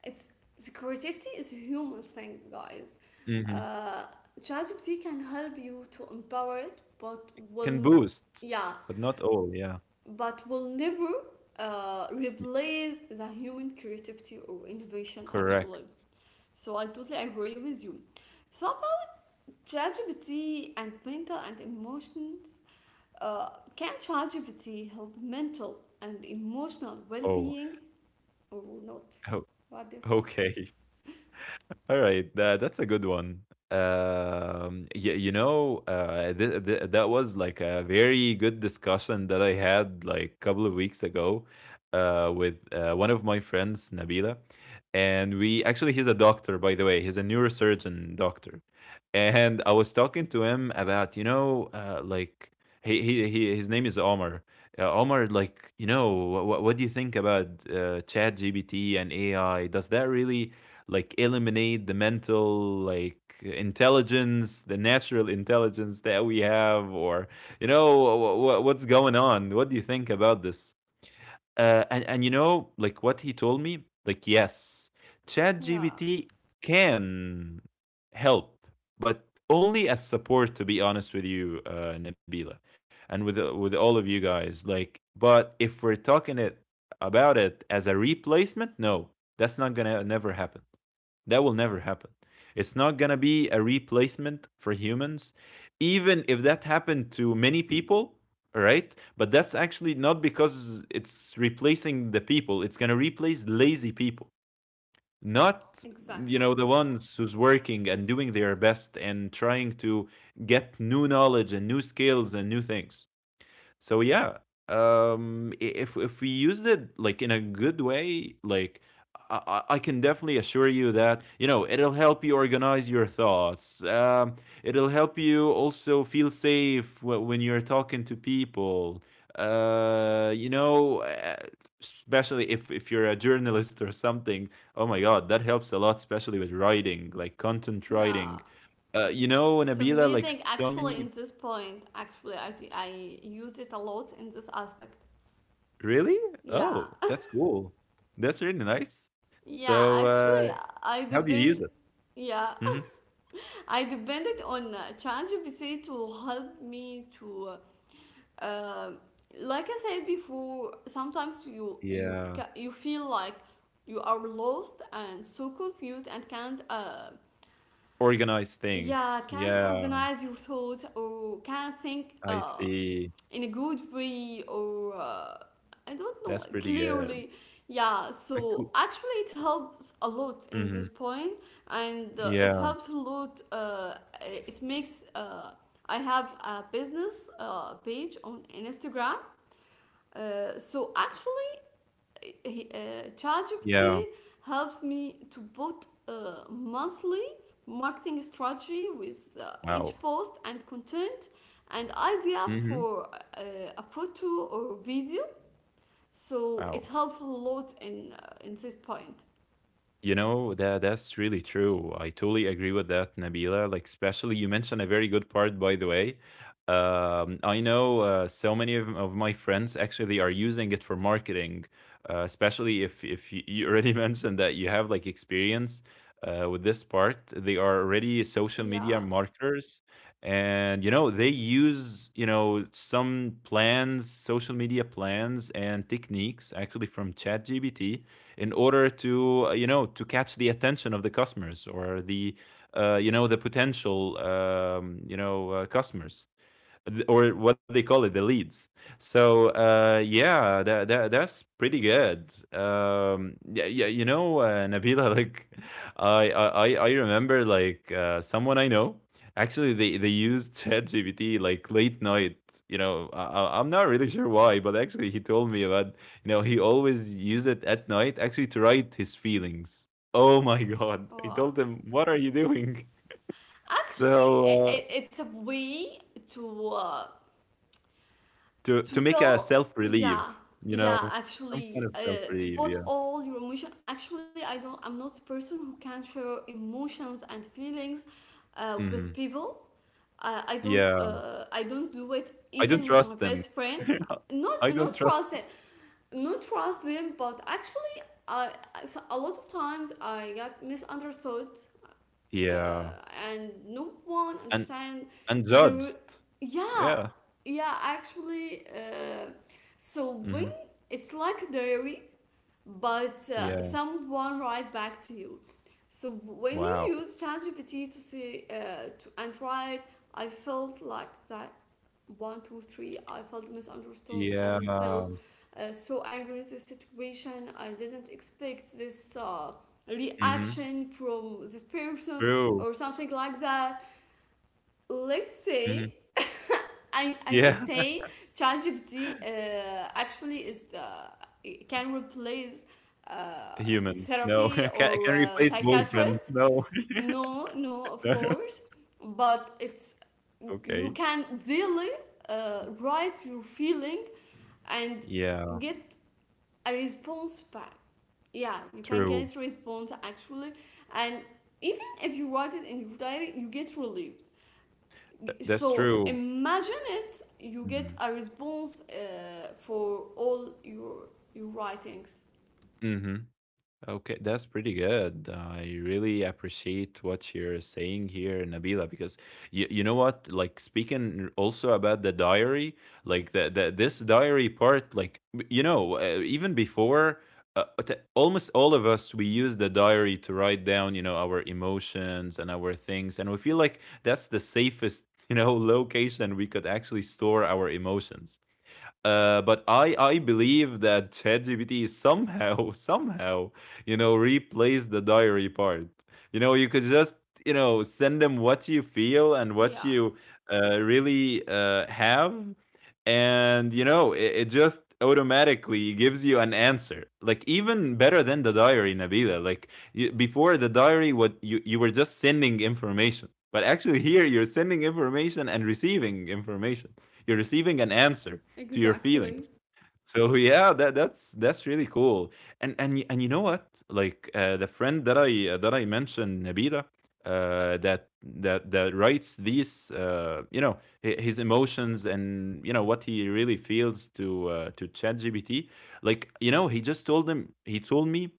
S1: It's the creativity is a human thing, guys.
S2: Hmm.
S1: Uh, ChatGPT can help you to empower it, but
S2: It can
S1: will
S2: boost,
S1: yeah,
S2: but not all. Yeah.
S1: but will never replace the human creativity or innovation
S2: Correct.
S1: actually. So I totally agree with you. So about ChatGPT and mental and emotions, uh, can ChatGPT help mental and emotional
S2: Oh.
S1: well-being or not?
S2: Oh.
S1: What do you
S2: [laughs]
S1: think?
S2: Okay. All right, that's a good one. You know, that was like a very good discussion that I had like a couple of weeks ago, with one of my friends, Nabila, and we actually he's a doctor by the way. He's a neurosurgeon doctor, and I was talking to him about you know like he his name is Omar. Omar, like you know, what do you think about Chat GBT and AI? Does that really like eliminate the mental like intelligence, the natural intelligence that we have, or you know what's going on, what do you think about this, and you know like what he told me, like yes,
S1: Yeah.
S2: ChatGPT can help, but only as support, to be honest with you, Nabila, and with all of you guys. Like, but if we're talking it about it as a replacement, no, that's not gonna never happen, that will never happen. It's not going to be a replacement for humans, even if that happened to many people, right? But that's actually not because it's replacing the people, it's going to replace lazy people. Not, you know,
S1: Exactly.
S2: the ones who's working and doing their best and trying to get new knowledge and new skills and new things. So yeah, if we used it like in a good way, like I, I can definitely assure you that you know it'll help you organize your thoughts. It'll help you also feel safe when you're talking to people. Uh, you know, uh, Especially if you're a journalist or something. Oh my God, that helps a lot, especially with writing, like content
S1: Yeah.
S2: writing. You know,
S1: It's
S2: Nabila, like
S1: amazing.
S2: so many.
S1: Actually, in this point, actually, I used it a lot in this aspect.
S2: Really?
S1: Yeah.
S2: Oh, that's
S1: [laughs]
S2: cool. That's really nice.
S1: Yeah,
S2: So,
S1: actually, I
S2: how do you
S1: depend.
S2: use it?
S1: Yeah.
S2: Mhm.
S1: [laughs] I depended on ChatGPT to help me to, uh, um, like I said before, sometimes
S2: Yeah.
S1: you feel like you are lost and so confused and can't
S2: Organize
S1: yeah,
S2: things.
S1: can't
S2: Yeah,
S1: organize your thoughts or can't think
S2: I see.
S1: in a good way or I don't know
S2: That's pretty good.
S1: clearly. Yeah,
S2: I
S1: so
S2: cou,
S1: actually it helps a lot in this
S2: mhm.
S1: point, and it
S2: Yeah,
S1: helps a lot, it makes I have a business page on Instagram, so actually uh, ChatGPT
S2: yeah.
S1: helps me to put monthly marketing strategy with
S2: Wow.
S1: each post and content and idea
S2: Mhm.
S1: for a photo or video. So it
S2: Wow.
S1: helps a lot in this point.
S2: You know, that's really true. I totally agree with that, Nabila. Like, especially you mentioned a very good part, by the way. I know so many of my friends actually they are using it for marketing, especially if you, you already [laughs] mentioned that you have like experience with this part. They are already social media
S1: Yeah.
S2: marketers, and you know they use you know some plans, social media plans and techniques actually from ChatGPT in order to you know to catch the attention of the customers or the you know the potential customers, or what they call it, the leads. So yeah, that's pretty good. Yeah, yeah, you know, Nabila, [laughs] like I remember like someone I know. Actually, they used [laughs] ChatGPT like late night. You know, I'm not really sure why, but actually, he told me about. You know, he always used it at night, actually, to write his feelings. Oh my [laughs] god! I
S1: Wow.
S2: told him, "What are you doing?" [laughs]
S1: Actually,
S2: So.
S1: it's a way to uh,
S2: To
S1: to
S2: to make a
S1: tell
S2: self relief,
S1: yeah,
S2: you know,
S1: yeah
S2: some
S1: actually
S2: kind of self
S1: to
S2: relief.
S1: put
S2: Yeah.
S1: all your emotion. Actually I don't, I'm not the person who can share emotions and feelings with
S2: Mhm.
S1: people. I don't
S2: Yeah.
S1: I don't do it
S2: I don't
S1: even with my
S2: trust them.
S1: best friend.
S2: [laughs] I
S1: Not,
S2: don't
S1: not
S2: trust.
S1: trust it, not trust them, but actually I, so a lot of times I got misunderstood uh,
S2: Yeah.
S1: and no one
S2: And
S1: understand
S2: and judged.
S1: there. Yeah,
S2: Yeah.
S1: yeah, actually, so when
S2: Hmm.
S1: it's like a diary, but
S2: Yeah.
S1: someone write back to you. So when you
S2: Wow.
S1: use ChatGPT to see to and write, I felt like that 1, 2, 3. I felt misunderstood and
S2: Yeah.
S1: felt so angry at the situation. I didn't expect this
S2: Hmm.
S1: reaction from this person
S2: True.
S1: or something like that. Let's say
S2: Hmm.
S1: I don't
S2: Yeah. [laughs]
S1: say ChatGPT actually is the it can replace uh,
S2: Humans. No. [laughs]
S1: therapy
S2: Can
S1: or
S2: replace boyfriends.
S1: psychiatrist.
S2: No. [laughs]
S1: No, no, of
S2: No.
S1: course, but it's you
S2: Okay.
S1: can daily write your feeling and
S2: Yeah.
S1: get a response back. Yeah, you can
S2: True.
S1: get response actually, and even if you write it in your diary, you get relieved.
S2: That's
S1: So
S2: true.
S1: imagine it, you
S2: Mm-hmm.
S1: get a response for all your writings.
S2: Mm-hmm. Okay, that's pretty good. I really appreciate what you're saying here, Nabila, because you know what? Like speaking also about the diary, like the this diary part, like you know, even before almost all of us we use the diary to write down, you know, our emotions and our things, and we feel like that's the safest, you know, [laughs] location we could actually store our emotions. But I believe that ChatGPT somehow [laughs] somehow you know replaced the diary part. You know you could just you know send them what you feel and what
S1: Yeah,
S2: you really have, and you know it just automatically gives you an answer like even better than the diary, Nabila. Like you, before the diary what you were just sending information, but actually here you're sending information and receiving information, you're receiving an answer to your
S1: exactly.
S2: feelings. So yeah, that's really cool. And and you know what? Like the friend that I mentioned, Nabila, that writes these, you know, his emotions and you know what he really feels to ChatGPT. Like you know, he just told him, he told me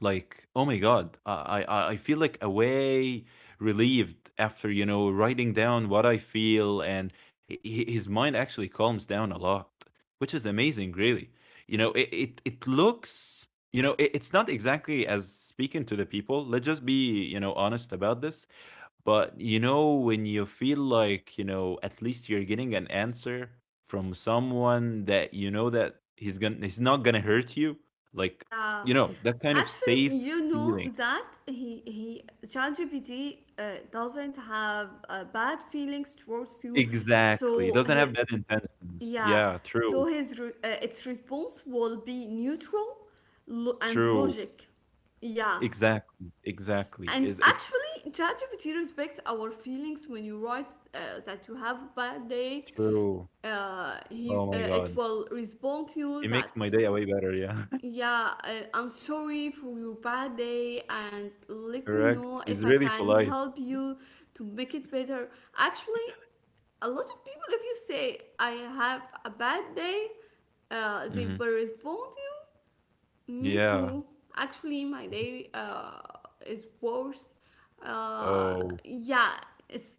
S2: like oh my god, I feel like a way relieved after you know writing down what I feel, and his mind actually calms down a lot, which is amazing, really. You know it looks, you know it's not exactly as speaking to the people, let's just be you know honest about this, but you know, when you feel like, you know, at least you're getting an answer from someone that you know that he's not gonna hurt you, like
S1: Yeah.
S2: you know, that kind of
S1: Actually,
S2: safe
S1: you know
S2: feeling.
S1: that he ChatGPT uh, doesn't have bad feelings towards you,
S2: Exactly. It
S1: so
S2: doesn't
S1: he,
S2: have bad intentions.
S1: yeah,
S2: Yeah, true.
S1: so his its response will be neutral and
S2: True.
S1: logic. Yeah.
S2: Exactly. Exactly.
S1: And
S2: Is It's
S1: actually, ChatGPT respects our feelings when you write that you have a bad day.
S2: true. Oh
S1: He
S2: my
S1: it
S2: god.
S1: will respond to
S2: It
S1: you that
S2: makes my day way better, yeah. [laughs]
S1: yeah, I'm sorry for your bad day, and let me
S2: Correct.
S1: know if
S2: He's
S1: I
S2: really
S1: can
S2: polite.
S1: help you to make it better. Actually, a lot of people, if you say I have a bad day, they
S2: Hmm.
S1: will respond to you me
S2: Yeah.
S1: too. Actually, my day is worse. Uh,
S2: Oh.
S1: yeah, it's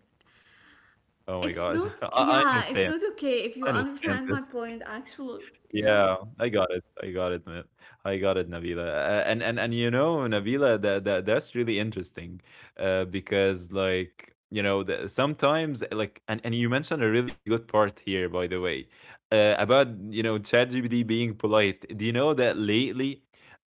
S2: Oh my
S1: it's
S2: god.
S1: not.
S2: [laughs] I
S1: Yeah, it's
S2: understand.
S1: not okay
S2: I
S1: if you
S2: understand this.
S1: understand my point. Actually, yeah,
S2: Yeah, I got it. I got it, man. I got it, Nabila. And you know, Nabila, that that's really interesting, because like you know, the, sometimes like, and you mentioned a really good part here, by the way, about you know ChatGPT being polite. Do you know that lately,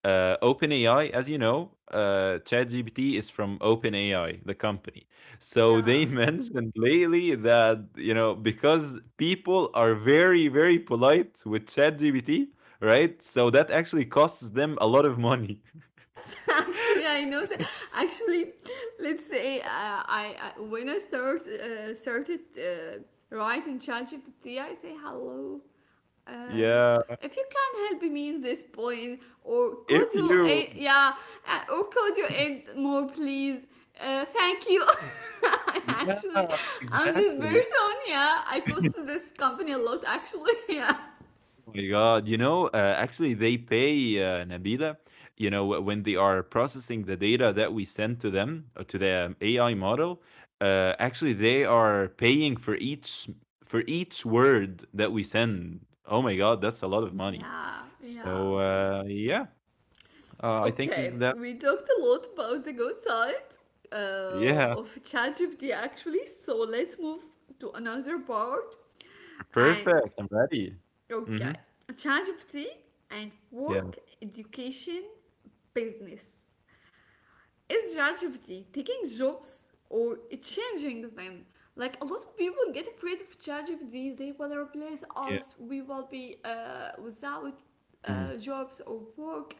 S2: OpenAI, as you know, ChatGPT is from OpenAI, the company. So they [laughs]
S1: yeah.
S2: mentioned lately that, you know, because people are very, very polite with ChatGPT, right? So that actually costs them a lot of money.
S1: [laughs] actually I
S2: [laughs]
S1: know that. Actually, let's say I when I start started writing ChatGPT, I say hello, um,
S2: Yeah.
S1: if you can help me in this point, or could
S2: If
S1: you
S2: you,
S1: yeah, or could you add more please, thank you. [laughs] Actually,
S2: yeah,
S1: I'm this
S2: exactly.
S1: person. Yeah, I cost
S2: [laughs]
S1: this company a lot actually. [laughs] Yeah,
S2: Oh my God, you know, actually, they pay Nabila, you know, when they are processing the data that we send to them, or to the AI model, actually, they are paying for each word that we send. Oh my God, that's a lot of money.
S1: yeah, yeah.
S2: So yeah, I think
S1: Okay,
S2: that
S1: we talked a lot about the good side
S2: yeah,
S1: of ChatGPT actually, so let's move to another part.
S2: [laughs]
S1: And
S2: perfect. I'm ready. Mm-hmm.
S1: okay, ChatGPT and
S2: Yeah,
S1: work, education, business: is ChatGPT taking jobs or changing them? Like a lot of people get afraid of ChatGPT. They will replace
S2: yeah.
S1: us. We will be without
S2: Mhm.
S1: jobs or work,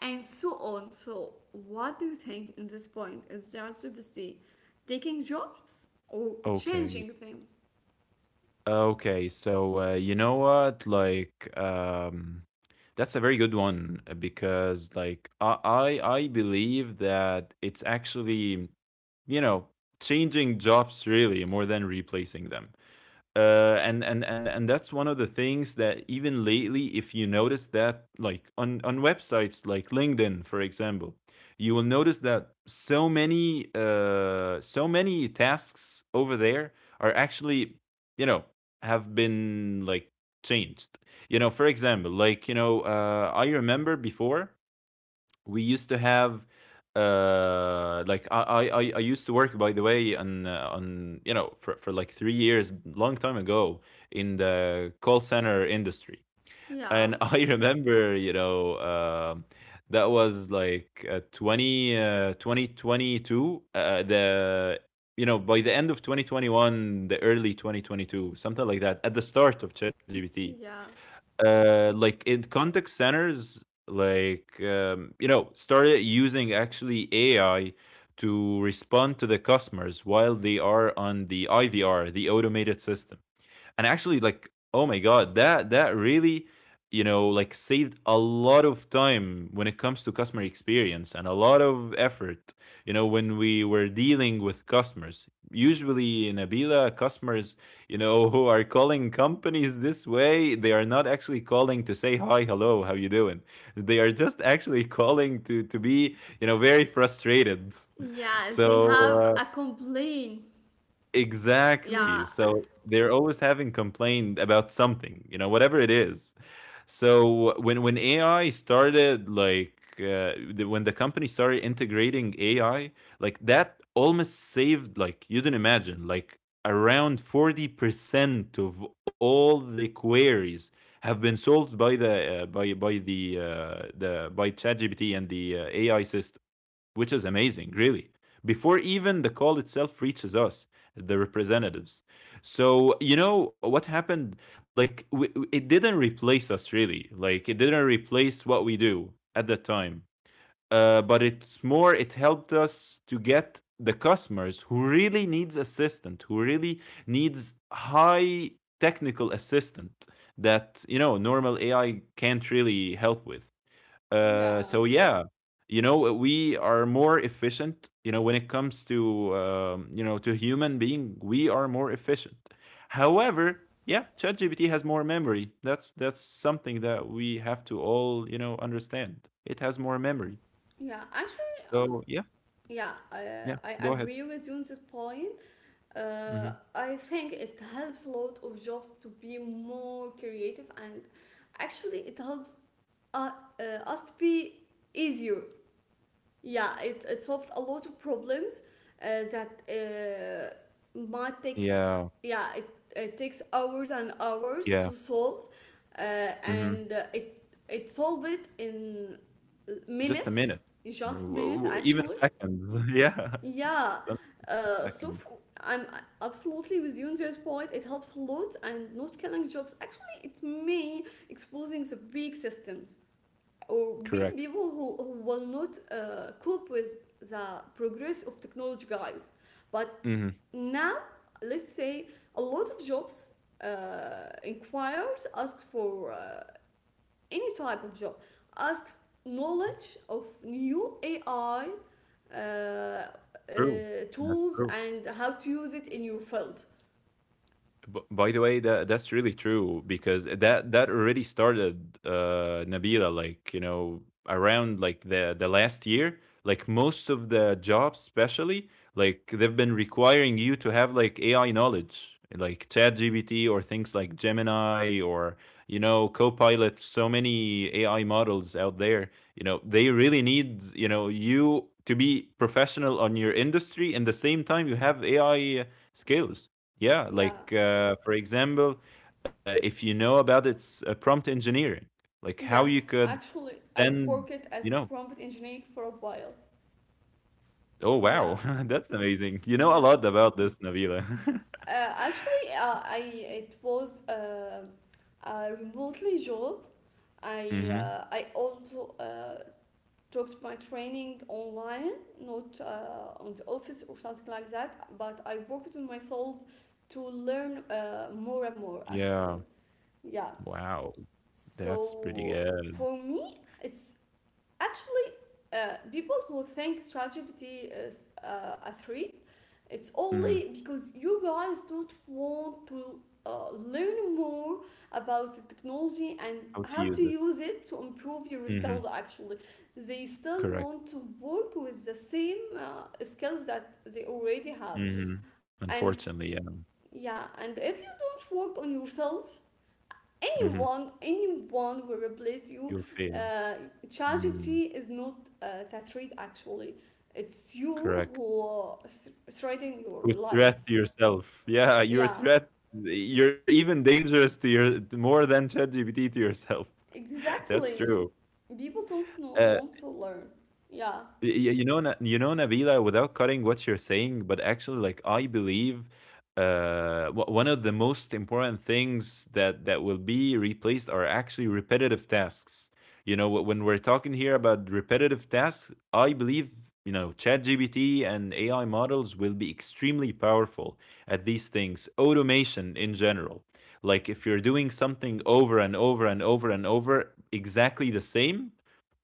S1: and so on. So, what do you think in this point? Is ChatGPT taking jobs or changing
S2: Okay.
S1: them?
S2: Okay, so you know what? Like, that's a very good one because, like, I believe that it's actually, you know, changing jobs really more than replacing them, and that's one of the things that even lately, if you notice that, like, on websites like LinkedIn, for example, you will notice that so many tasks over there are actually, you know, have been, like, changed. You know, for example, like, you know, I remember before we used to have like I used to work, by the way, on, you know, for like 3 years, long time ago, in the call center industry.
S1: Yeah,
S2: And [laughs] I remember, you know, that was like uh, 20 uh, 2022, the, you know, by the end of 2021, the early 2022, something like that, at the start of ChatGPT.
S1: yeah,
S2: Like, in contact centers, like, you know, started using actually AI to respond to the customers while they are on the IVR, the automated system. And actually, like, oh my God, that really, you know, like, saved a lot of time when it comes to customer experience and a lot of effort, you know, when we were dealing with customers. Usually in abila customers, you know, [laughs] who are calling companies this way, they are not actually calling to say hi, hello, how you doing — they are just actually [laughs] calling to be, you know, very frustrated. [laughs]
S1: yeah. They
S2: So
S1: have a complaint. Yeah,
S2: exactly. So they're always having complained about something, you know, whatever it is. So when AI started, like, when the company started integrating AI, like that almost saved, like you didn't imagine, like around 40% of all the queries have been solved by the by ChatGPT and the AI system, which is amazing, really. Before even the call itself reaches us, the representatives. So, you know what happened? Like, it didn't replace us, really. Like, it didn't replace what we do at that time. But it's more, it helped us to get the customers who really needs assistant, who really needs high technical assistant that, you know, normal AI can't really help with.
S1: yeah,
S2: So yeah, you know, we are more efficient. You know, when it comes to you know, to human being, we are more efficient. However, yeah, ChatGPT has more memory. That's something that we have to all, you know, understand. It has more memory.
S1: yeah. Actually,
S2: So yeah,
S1: yeah, I,
S2: yeah.
S1: I
S2: Go ahead.
S1: agree with you on this point.
S2: Hmm.
S1: I think it helps a lot of jobs to be more creative, and actually, it helps uh, uh, us to be easier. Yeah, it solved a lot of problems uh, that might take,
S2: Yeah,
S1: yeah, it takes hours and hours
S2: yeah.
S1: to solve, uh,
S2: hmm
S1: and uh, it solved it in
S2: Just a
S1: minutes,
S2: minute, or
S1: just minutes
S2: even
S1: actually
S2: seconds. [laughs] Yeah,
S1: yeah,
S2: [laughs] something
S1: so f
S2: second.
S1: I'm absolutely with you on this point. It helps a lot, and not killing jobs, actually it may exposing the big systems or big
S2: Correct.
S1: people who will not cope with the progress of technology, guys. But
S2: Hmm.
S1: now, let's say a lot of jobs inquires asks for any type of job asks knowledge of new AI uh, uh,
S2: True. That's
S1: tools
S2: true.
S1: and how to use it in your field.
S2: By the way, that's really true because that already started, Nabila. Like, you know, around, like, the last year, like most of the jobs, especially like they've been requiring you to have, like, AI knowledge, like ChatGPT or things like Gemini or, you know, Copilot. So many AI models out there. You know, they really need, you know, you to be professional on your industry, and the same time you have AI skills. Yeah,
S1: Yeah.
S2: like, for example, if you know about its prompt engineering, like how
S1: Yes.
S2: you could
S1: Actually, I worked
S2: then,
S1: as
S2: you
S1: a
S2: know —
S1: prompt engineer for a while.
S2: oh,
S1: Yeah.
S2: wow, [laughs] that's amazing. You know a
S1: Yeah.
S2: lot about this, Nabila.
S1: Actually, I it was a remotely job.
S2: [laughs] Hmm.
S1: I also took my training online, not on the office or something like that, but I worked on myself to learn more and more actually.
S2: Yeah.
S1: Yeah.
S2: Wow, that's pretty
S1: So
S2: good.
S1: for me, it's actually people who think ChatGPT is a threat, it's
S2: Hmm.
S1: only because you guys don't want to learn more about the technology and
S2: How to
S1: how to
S2: use it?
S1: use it to improve your
S2: Hmm.
S1: skills. Actually, they still
S2: Correct.
S1: want to work with the same skills that they already have,
S2: Hmm.
S1: and
S2: Unfortunately, yeah.
S1: yeah, and if you don't work on yourself
S2: Hmm.
S1: anyone anyone will replace
S2: You'll
S1: you.
S2: fail.
S1: uh,
S2: Mm.
S1: ChatGPT is not that read actually it's you
S2: Correct.
S1: who is threading your
S2: To
S1: life.
S2: threat yourself. Yeah, you're a
S1: Yeah,
S2: threat. You're even dangerous to your more than ChatGPT to yourself. [laughs] That's
S1: exactly.
S2: true.
S1: People don't know
S2: Uh,
S1: want to learn. Yeah,
S2: You know, you know, Nabila, without cutting what you're saying, but actually, like, I believe, one of the most important things that will be replaced are actually repetitive tasks. You know, when we're talking here about repetitive tasks, I believe, you know, ChatGPT and AI models will be extremely powerful at these things. Automation in general, like if you're doing something over and over and over and over, exactly the same,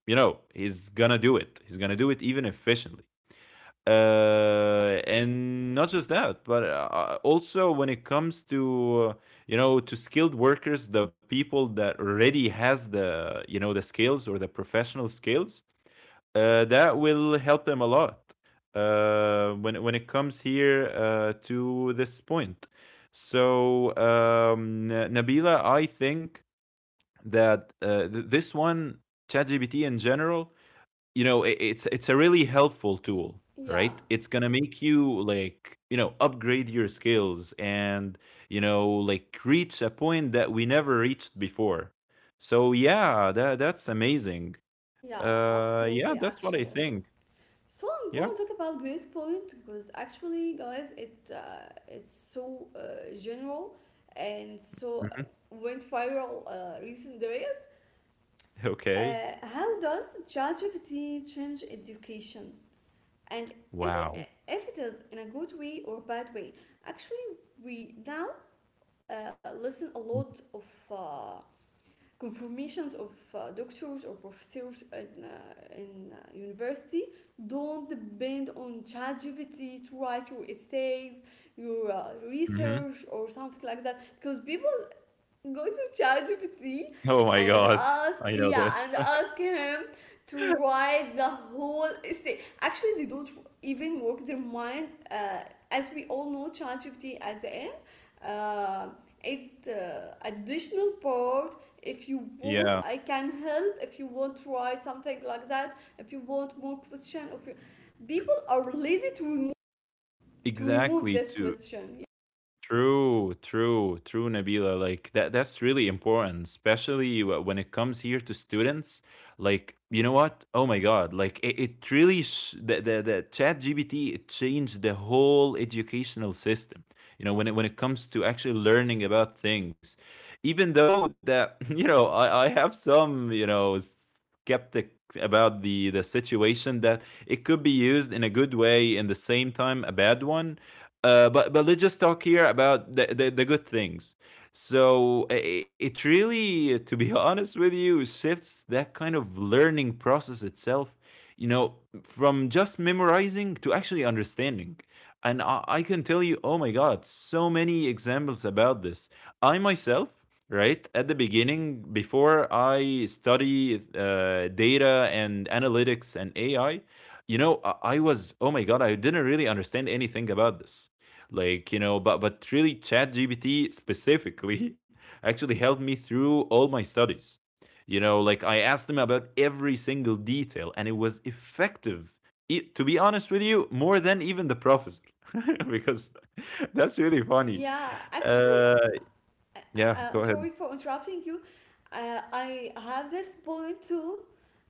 S2: you know, he's gonna do it, he's gonna do it even efficiently. And not just that, but also when it comes to, you know, to skilled workers, the people that already has, the you know, the skills or the professional skills, that will help them a lot when it comes here, to this point. So Nabila, I think that, this one, ChatGPT in general, you know, it's a really helpful tool,
S1: yeah,
S2: right? It's gonna make you, like, you know, upgrade your skills and, you know, like, reach a point that we never reached before. So yeah, that's amazing.
S1: yeah,
S2: Yeah,
S1: absolutely
S2: that's what I
S1: actually.
S2: think.
S1: So I
S2: Yeah.
S1: want to talk about this point because actually guys it it's so general and so
S2: Hmm.
S1: went viral recent days.
S2: [laughs]
S1: Uh,
S2: Okay.
S1: how does ChatGPT change education? And
S2: Wow.
S1: if it is in a good way or bad way? Actually, we now listen a lot of uh, confirmations of doctors or professors in university. Don't depend on ChatGPT to write your essays, your
S2: Hmm.
S1: research or something like that, because people go to ChatGPT
S2: [laughs] Oh my
S1: and
S2: God. [laughs] I know
S1: yeah,
S2: this.
S1: and
S2: [laughs]
S1: ask him to write the whole essay. Actually, they don't even work their mind. As we all know, ChatGPT at the end, uh, it additional part. If you want,
S2: Yeah,
S1: I can help. If you want to write something like that, if you want more question, if you, people are lazy to to remove
S2: exactly.
S1: this
S2: to
S1: question.
S2: True, true, true, Nabila. Like, that's really important, especially when it comes here to students. Like, you know what? Oh my God. Like, it really the chat GPT, it changed the whole educational system. You know, when it comes to actually learning about things. Even though that, [laughs] you know, I have some, you know, skeptic about the situation that it could be used in a good way in the same time a bad one. But let's just talk here about the good things. So it really, to be [laughs] honest with you, shifts that kind of learning process itself, you know, from just memorizing to actually understanding. And I can tell you, oh my God, so many examples about this. I myself, right, at the beginning, before I study data and analytics and AI, you know, I was, oh my God, I didn't really understand anything about this, like, you know. But really ChatGPT specifically [laughs] actually helped me through all my studies, you know, like. I asked him about every single detail and it was effective. To be honest with you, more than even the professor. [laughs] Because [laughs] that's really funny.
S1: Yeah, actually,
S2: uh
S1: uh,
S2: yeah, go ahead.
S1: sorry for interrupting you. I have this point too.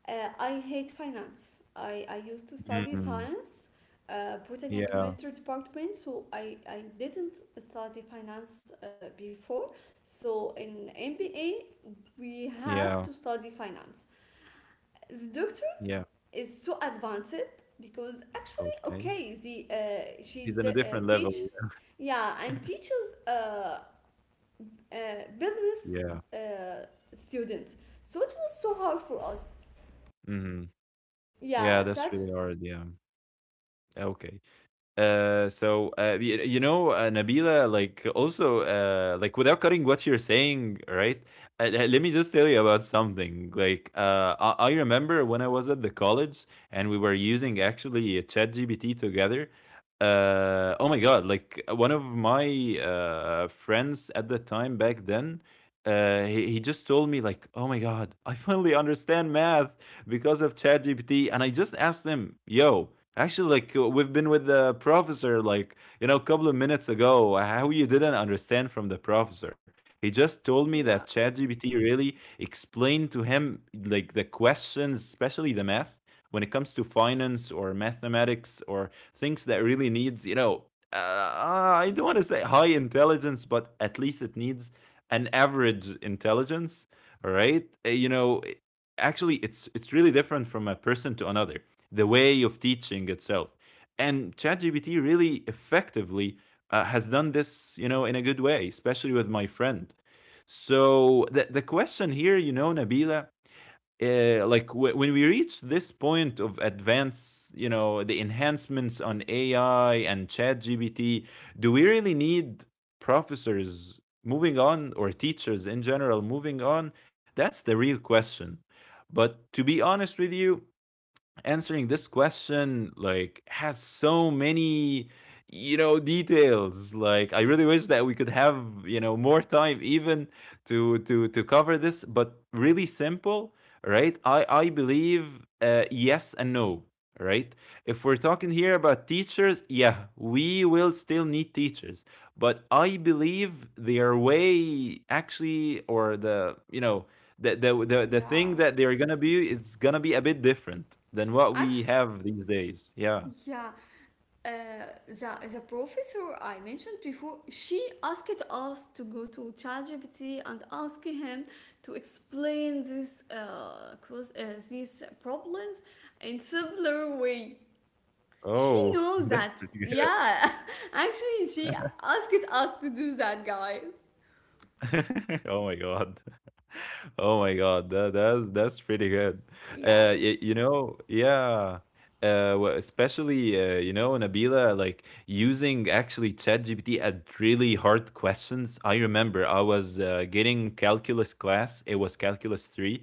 S1: I hate finance. I used to study
S2: Mm,
S1: science, botany and
S2: yeah,
S1: chemistry department, so I didn't study finance before. So in MBA, we
S2: yeah,
S1: have to study finance. The doctor
S2: yeah.
S1: is so advanced because actually,
S2: Okay.
S1: okay, the, uh, she
S2: He's in
S1: d-
S2: a
S1: uh,
S2: different level,
S1: teach, yeah, and teaches business
S2: yeah.
S1: uh, students. So it was so hard for us.
S2: Hmm. Yeah,
S1: Yeah,
S2: that's
S1: that's
S2: really hard, yeah. Okay. So, you know, Nabila, like also, like, without cutting what you're saying, right? Let me just tell you about something. Like, I remember when I was at the college and we were using actually ChatGPT together. Oh my God! Like, one of my friends at the time back then, he just told me like, "Oh my God, I finally understand math," because of ChatGPT. And I just asked them, yo, actually, like, we've been with the professor, like, you know, a couple of minutes ago — how you didn't understand from the professor? He just told me that
S1: yeah,
S2: ChatGPT really explained to him, like, the questions, especially the math. When it comes to finance or mathematics or things that really needs, you know, I don't want to say high intelligence, but at least it needs an average intelligence, all right? You know, actually, it's really different from a person to another, the way of teaching itself. And ChatGPT really effectively, has done this, you know, in a good way, especially with my friend. So the question here, you know, Nabila, like, when we reach this point of advance, you know, the enhancements on AI and Chat GPT, do we really need professors moving on, or teachers in general moving on? That's the real question. But to be honest with you, answering this question, like, has so many, you know, details. Like, I really wish that we could have, you know, more time even to cover this, but really simple, right? I believe, yes and no, right? If we're talking here about teachers, yeah, we will still need teachers. But I believe their way actually, or, the you know, the thing
S1: yeah.
S2: that they're gonna be is gonna be a bit different than what we
S1: Actually,
S2: have these days. Yeah.
S1: yeah. Uh, the professor I mentioned before, she asked us to go to ChatGPT and ask him to explain this these problems in simpler way. She
S2: Oh,
S1: knows
S2: [laughs] that's
S1: that.
S2: pretty good.
S1: Yeah, [laughs] actually, she asked us to do that, guys.
S2: [laughs] Oh my God. [laughs] Oh my God, that's pretty good.
S1: Yeah,
S2: You know, yeah. Especially, you know, Nabila, like using actually ChatGPT at really hard questions. I remember I was, getting calculus class, it was calculus 3.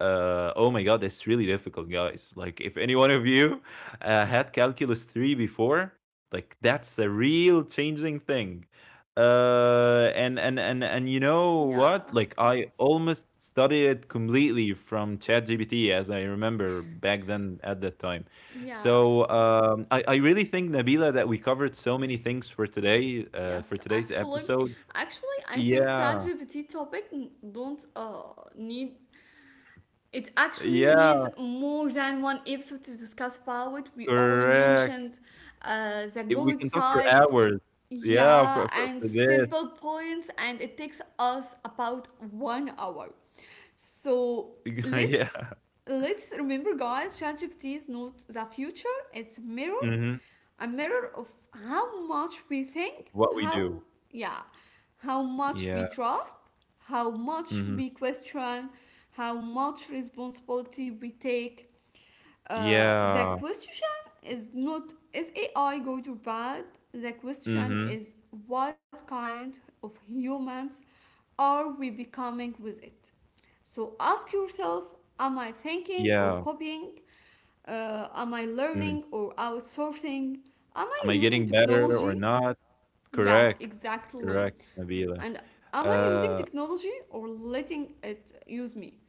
S2: Oh my God, it's really difficult, guys! Like, if any one of you had calculus 3 before, like that's a real changing thing. And you know
S1: yeah.
S2: what? Like, I almost studied it completely from ChatGPT, as I remember back then at that time.
S1: Yeah,
S2: So I really think, Nabila, that we covered so many things for today,
S1: yes,
S2: for today's
S1: actually,
S2: episode.
S1: actually, I think
S2: Yeah,
S1: ChatGPT topic don't need it, actually
S2: yeah,
S1: needs more than one episode to discuss about it. We all
S2: correct.
S1: mentioned the
S2: We
S1: good
S2: can talk for
S1: side,
S2: hours.
S1: yeah,
S2: Yeah,
S1: and
S2: for this.
S1: simple points, and it takes us about 1 hour. So
S2: [laughs] Yeah.
S1: let's let's remember, guys, ChatGPT is not the future; it's a mirror.
S2: Hmm.
S1: A mirror of how much we think,
S2: What we
S1: how,
S2: do.
S1: yeah, how much
S2: Yeah.
S1: we trust, how much
S2: Hmm.
S1: we question, how much responsibility we take. The
S2: Yeah.
S1: question is not is AI good or bad? The question
S2: Hmm.
S1: is what kind of humans are we becoming with it? So ask yourself, am I thinking or
S2: Yeah.
S1: copying? Am I
S2: Mhm.
S1: learning or outsourcing? Am I
S2: Am I
S1: using
S2: getting better or
S1: technology?
S2: not?
S1: Yes,
S2: Correct.
S1: exactly.
S2: Correct, Nabila.
S1: And am I using
S2: Uh,
S1: technology or letting it use me?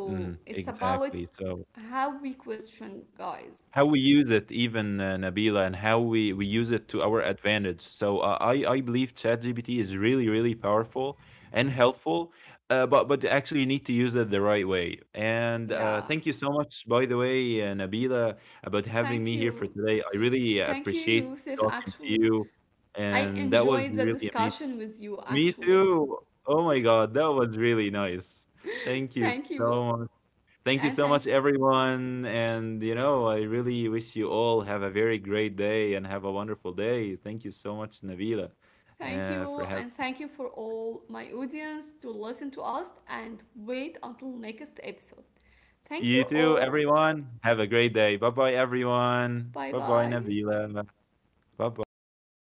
S2: mhm,
S1: it's about
S2: exactly. So
S1: how we question, guys.
S2: how we use it even, Nabila, and how we use it to our advantage. So I believe ChatGPT is really, really powerful and helpful, but, actually you need to use it the right way. And
S1: Yeah,
S2: thank you so much, by the way, Nabila, about
S1: thank
S2: having me here for
S1: you.
S2: today. I really
S1: Thank you,
S2: appreciate
S1: Yusuf.
S2: talking to
S1: Actually,
S2: you,
S1: I
S2: and that was
S1: enjoyed the
S2: really amazing.
S1: discussion with you,
S2: Me
S1: actually.
S2: too. Oh my God, that was really nice.
S1: [laughs]
S2: Thank you
S1: Thank you.
S2: so much. Thank you
S1: And
S2: so
S1: thank
S2: much,
S1: you.
S2: everyone. And you know, I really wish you all have a very great day and have a wonderful day. Thank you so much, Nabila,
S1: Thank you,
S2: for having
S1: and thank you for all my audience to listen to us and wait until next episode. Thank
S2: you
S1: you
S2: too,
S1: all.
S2: everyone. Have a great day. Bye bye, everyone.
S1: Bye
S2: Bye bye,
S1: bye.
S2: Nabila. Bye bye.